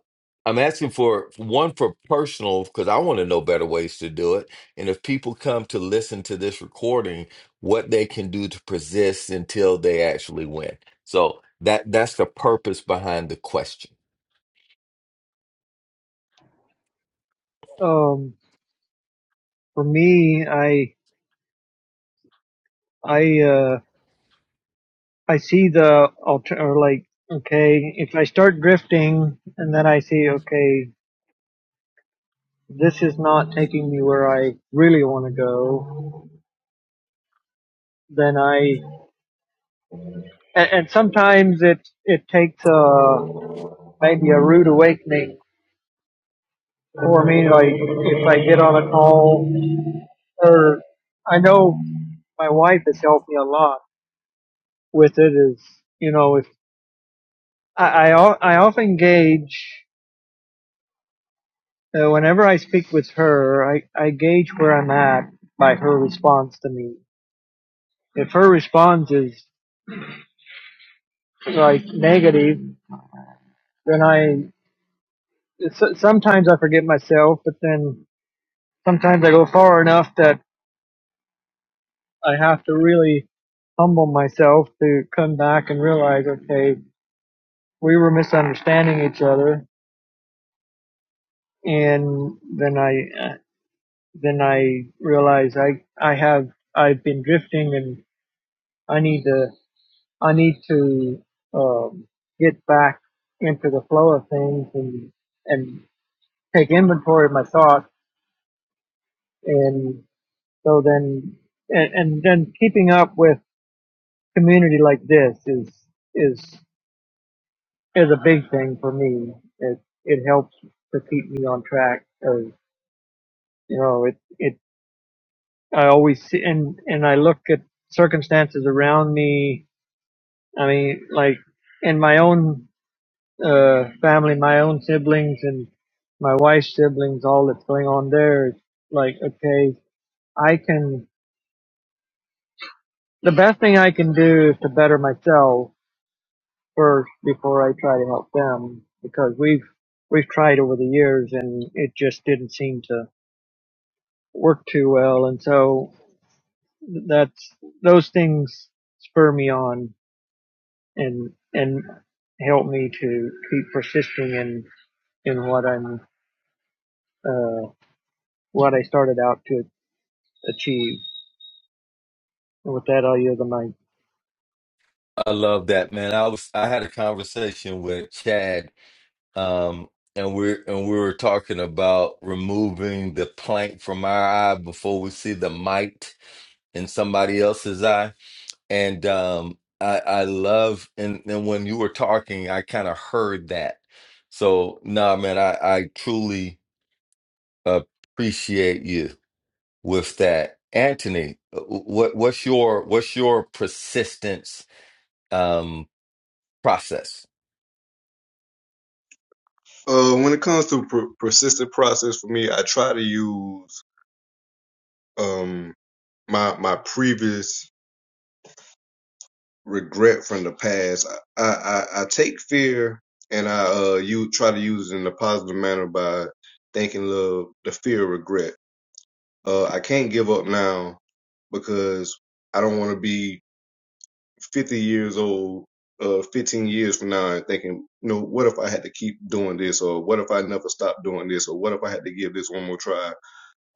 I'm asking for one for personal, because I want to know better ways to do it. And if people come to listen to this recording, what they can do to persist until they actually win. So that that's the purpose behind the question. Um. For me, I I uh. I see the alter or like okay, if I start drifting and then I see okay, this is not taking me where I really want to go, then I and, and sometimes it it takes a maybe a rude awakening for me. Like if I get on a call or I know my wife has helped me a lot with it. Is you know if I I, I often gauge. So whenever I speak with her, I, I gauge where I'm at by her response to me. If her response is like negative, then I s- sometimes I forget myself, but then sometimes I go far enough that I have to really humble myself to come back and realize, okay, we were misunderstanding each other, and then I then I realize I I have I've been drifting and I need to I need to um, get back into the flow of things and and take inventory of my thoughts, and so then and, and then keeping up with community like this is is is a big thing for me. It it helps to keep me on track. Or you know, it it I always see and and I look at circumstances around me. I mean, like in my own uh, family, my own siblings and my wife's siblings, all that's going on there is like, okay, I can, the best thing I can do is to better myself first before I try to help them because we've, we've tried over the years and it just didn't seem to work too well. And so that's, those things spur me on and, and help me to keep persisting in, in what I'm, uh, what I started out to Achieve. And with that, I'll yield the mic. I love that, man. I was I had a conversation with Chad, um, and we're and we were talking about removing the plank from our eye before we see the mite in somebody else's eye. And um I I love and, and when you were talking, I kind of heard that. So nah man, I, I truly appreciate you with that. Anthony, uh, what what's your what's your persistence um process? Uh, when it comes to per- persistent process for me, I try to use um my my previous regret from the past. I I, I take fear and I uh you try to use it in a positive manner by thinking of the fear of regret. Uh, I can't give up now because I don't want to be 50 years old, uh, 15 years from now and thinking, you know, what if I had to keep doing this or what if I never stopped doing this or what if I had to give this one more try?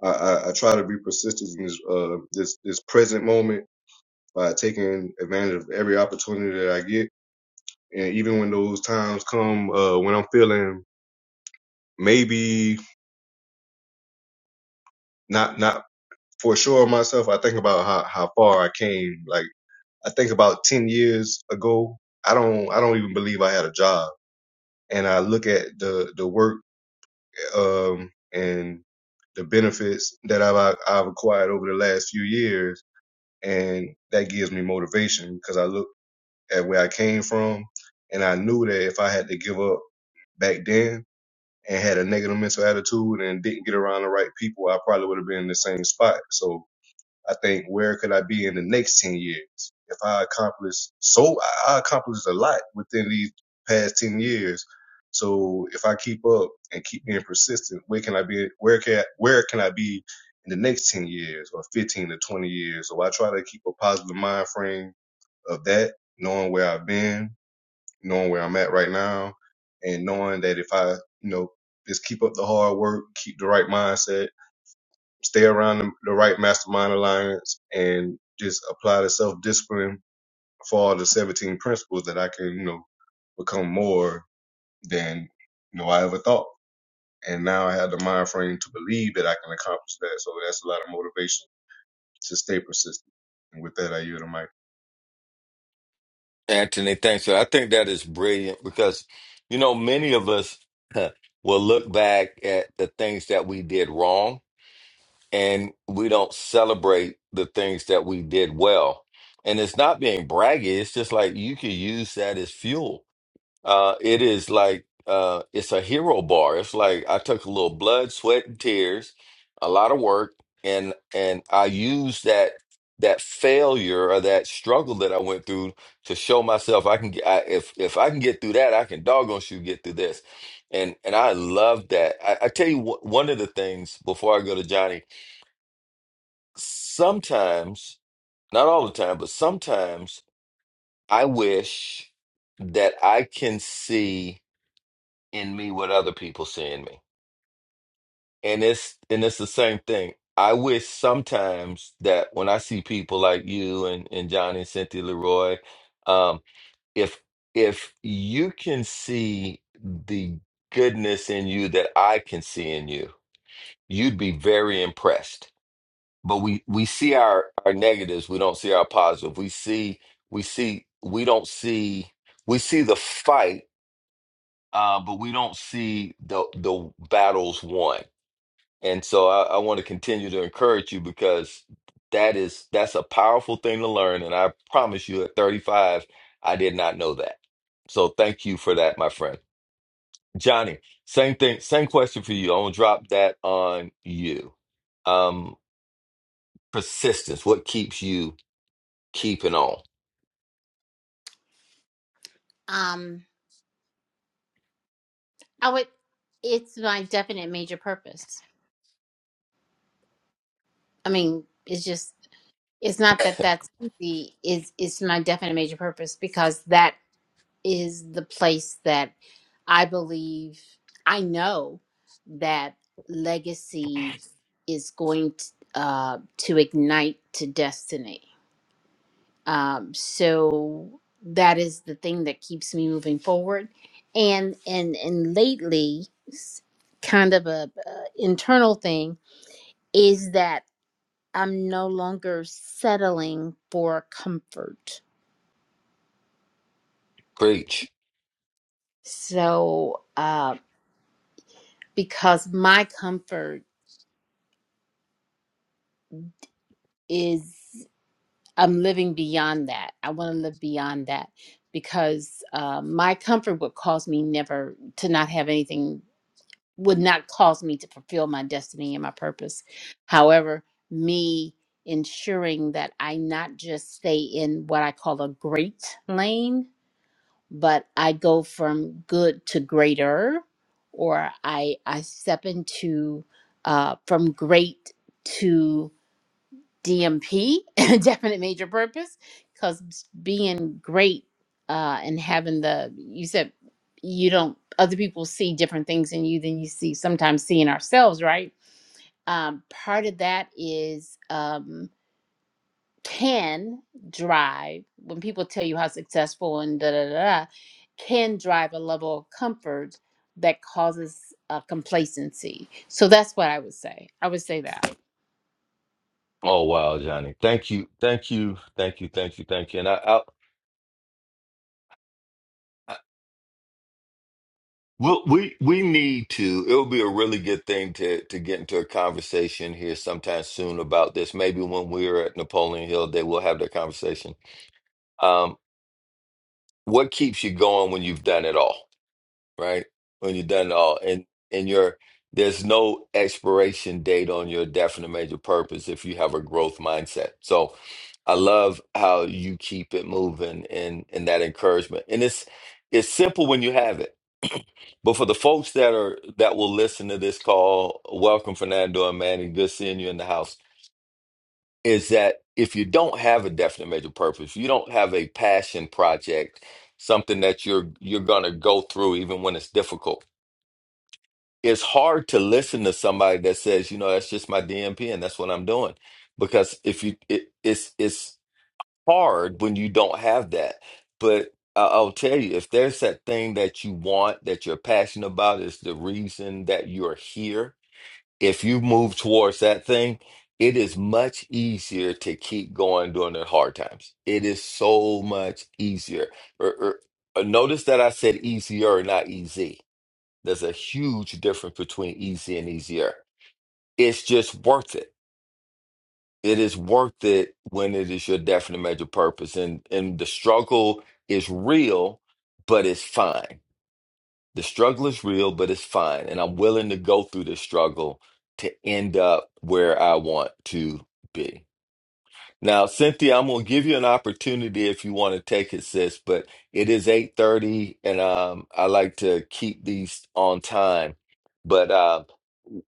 I, I, I try to be persistent in this, uh, this, this present moment by taking advantage of every opportunity that I get. And even when those times come, uh, when I'm feeling maybe not, not for sure of myself, I think about how, how far I came. Like I think about 10 years ago, I don't, I don't even believe I had a job and I look at the the work um, and the benefits that I've I've acquired over the last few years, and that gives me motivation because I look at where I came from, and I knew that if I had to give up back then and had a negative mental attitude and didn't get around the right people, I probably would have been in the same spot. So I think where could I be in the next 10 years? If I accomplish so, I accomplished a lot within these past 10 years. So if I keep up and keep being persistent, where can I be, where can, I, where can I be in the next 10 years or 15 to 20 years? So I try to keep a positive mind frame of that, knowing where I've been, knowing where I'm at right now, and knowing that if I, you know, just keep up the hard work, keep the right mindset, stay around the, the right mastermind alliance and just apply the self discipline for all the 17 principles that I can, you know, become more than, you know, I ever thought. And now I have the mind frame to believe that I can accomplish that. So that's a lot of motivation to stay persistent. And with that, I yield the mic. Anthony, thanks. So, I think that is brilliant because, you know, many of us huh, will look back at the things that we did wrong and we don't celebrate the things that we did well. And it's not being braggy, it's just like you can use that as fuel uh, it is like uh, it's a hero bar. It's like I took a little blood, sweat, and tears, a lot of work, and and I used that that failure or that struggle that I went through to show myself I can get I, if if I can get through that, I can doggone sure get through this. And and I love that. I, I tell you what, one of the things before I go to Johnny, sometimes, not all the time, but sometimes I wish that I can see in me what other people see in me. And it's and it's the same thing. I wish sometimes that when I see people like you and, and Johnny and Cynthia Leroy, um, if if you can see the goodness in you that I can see in you, you'd be very impressed. But we we see our our negatives, we don't see our positive. We see we see we don't see we see the fight, uh, but we don't see the the battles won And so I, I want to continue to encourage you because that is that's a powerful thing to learn. And I promise you at 35, I did not know that. So thank you for that, my friend. Johnny, same thing, same question for you. I'm gonna drop that on you. Um, persistence, what keeps you keeping on? *laughs* um, I would. It's my definite major purpose. I mean, it's just. It's not that that's easy. Is it's my definite major purpose because that is the place that I believe. I know that legacy is going to, uh, to ignite to destiny um, so that is the thing that keeps me moving forward and and and lately s- kind of a, uh internal thing is that i'm no longer settling for comfort Preach. so uh, because my comfort is i'm living beyond that i want to live beyond that because uh, my comfort would cause me never to not have anything would not cause me to fulfill my destiny and my purpose. However, me ensuring that I not just stay in what I call a great lane, but I go from good to greater, or I I step into uh, from great to DMP, *laughs* definite major purpose, because being great uh, and having the, you said you don't, other people see different things in you than you see sometimes seeing ourselves, right? Um, part of that is um, can drive, when people tell you how successful and da da da, da, can drive a level of comfort that causes uh, complacency. So that's what I would say. I would say that. Oh wow, Johnny. Thank you, thank you, thank you, thank you, thank you. And I, I Well, we we need to. It would be a really good thing to to get into a conversation here sometime soon about this. Maybe when we're at Napoleon Hill, they will have that conversation. Um, what keeps you going when you've done it all, right? When you've done it all, and and your there's no expiration date on your definite major purpose if you have a growth mindset. So, I love how you keep it moving and and that encouragement. And it's it's simple when you have it but for the folks that are that will listen to this call, welcome Fernando and Manny. Good seeing you in the house. Is that if you don't have a definite major purpose, you don't have a passion project, something that you're you're gonna go through even when it's difficult. It's hard to listen to somebody that says, you know, that's just my DMP and that's what I'm doing. Because if you it, it's it's hard when you don't have that. But I- I'll tell you, if there's that thing that you want, that you're passionate about, is the reason that you're here. If you move towards that thing, it is much easier to keep going during the hard times. It is so much easier. Er- er, uh, Notice that I said easier, not easy. There's a huge difference between easy and easier. It's just worth it it is worth it when it is your definite major purpose and and the struggle is real but it's fine the struggle is real but it's fine and i'm willing to go through the struggle to end up where i want to be now, Cynthia, I'm gonna give you an opportunity if you want to take it, sis, but it is 8:30 and um I like to keep these on time. But uh,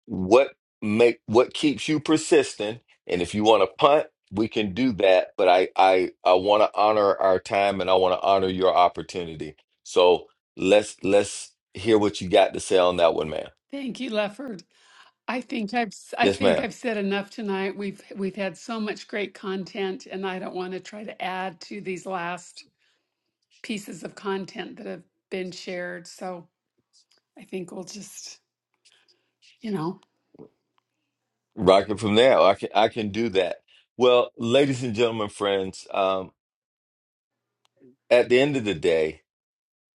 what make what keeps you persistent? And if you want to punt, we can do that, but I I I want to honor our time and I want to honor your opportunity. So, let's let's hear what you got to say on that one, ma'am. Thank you, Lefford. I think I've s- I Yes, think ma'am. I've said enough tonight. We've we've had so much great content, and I don't want to try to add to these last pieces of content that have been shared. So I think we'll just, you know, Rocket from there. I can I can do that. Well, ladies and gentlemen, friends, um, at the end of the day,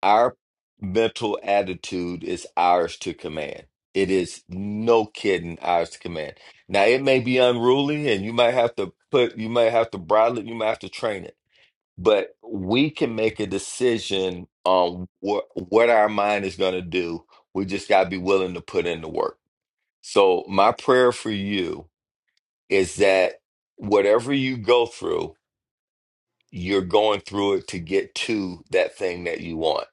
our mental attitude is ours to command. It is no kidding ours to command. Now it may be unruly and you might have to put you might have to bridle it, you might have to train it. But we can make a decision on what what our mind is going to do. We just got to be willing to put in the work. So my prayer for you is that whatever you go through you're going through it to get to that thing that you want.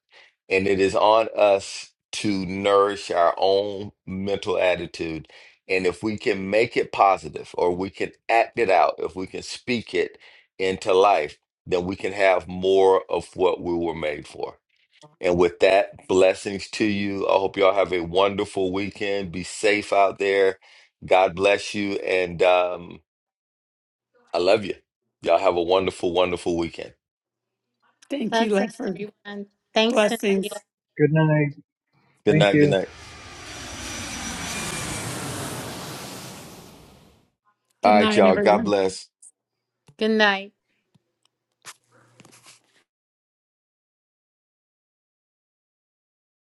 And it is on us to nourish our own mental attitude. And if we can make it positive or we can act it out, if we can speak it into life, then we can have more of what we were made for. And with that, blessings to you. I hope y'all have a wonderful weekend. Be safe out there. God bless you. And um, I love you. Y'all have a wonderful, wonderful weekend. thank you, Blessings, Lefford. everyone. Thanks, Cynthia. Blessings. Good night. Good Thank night. you. Good night. All Good right, night, y'all. God everyone. bless. Good night.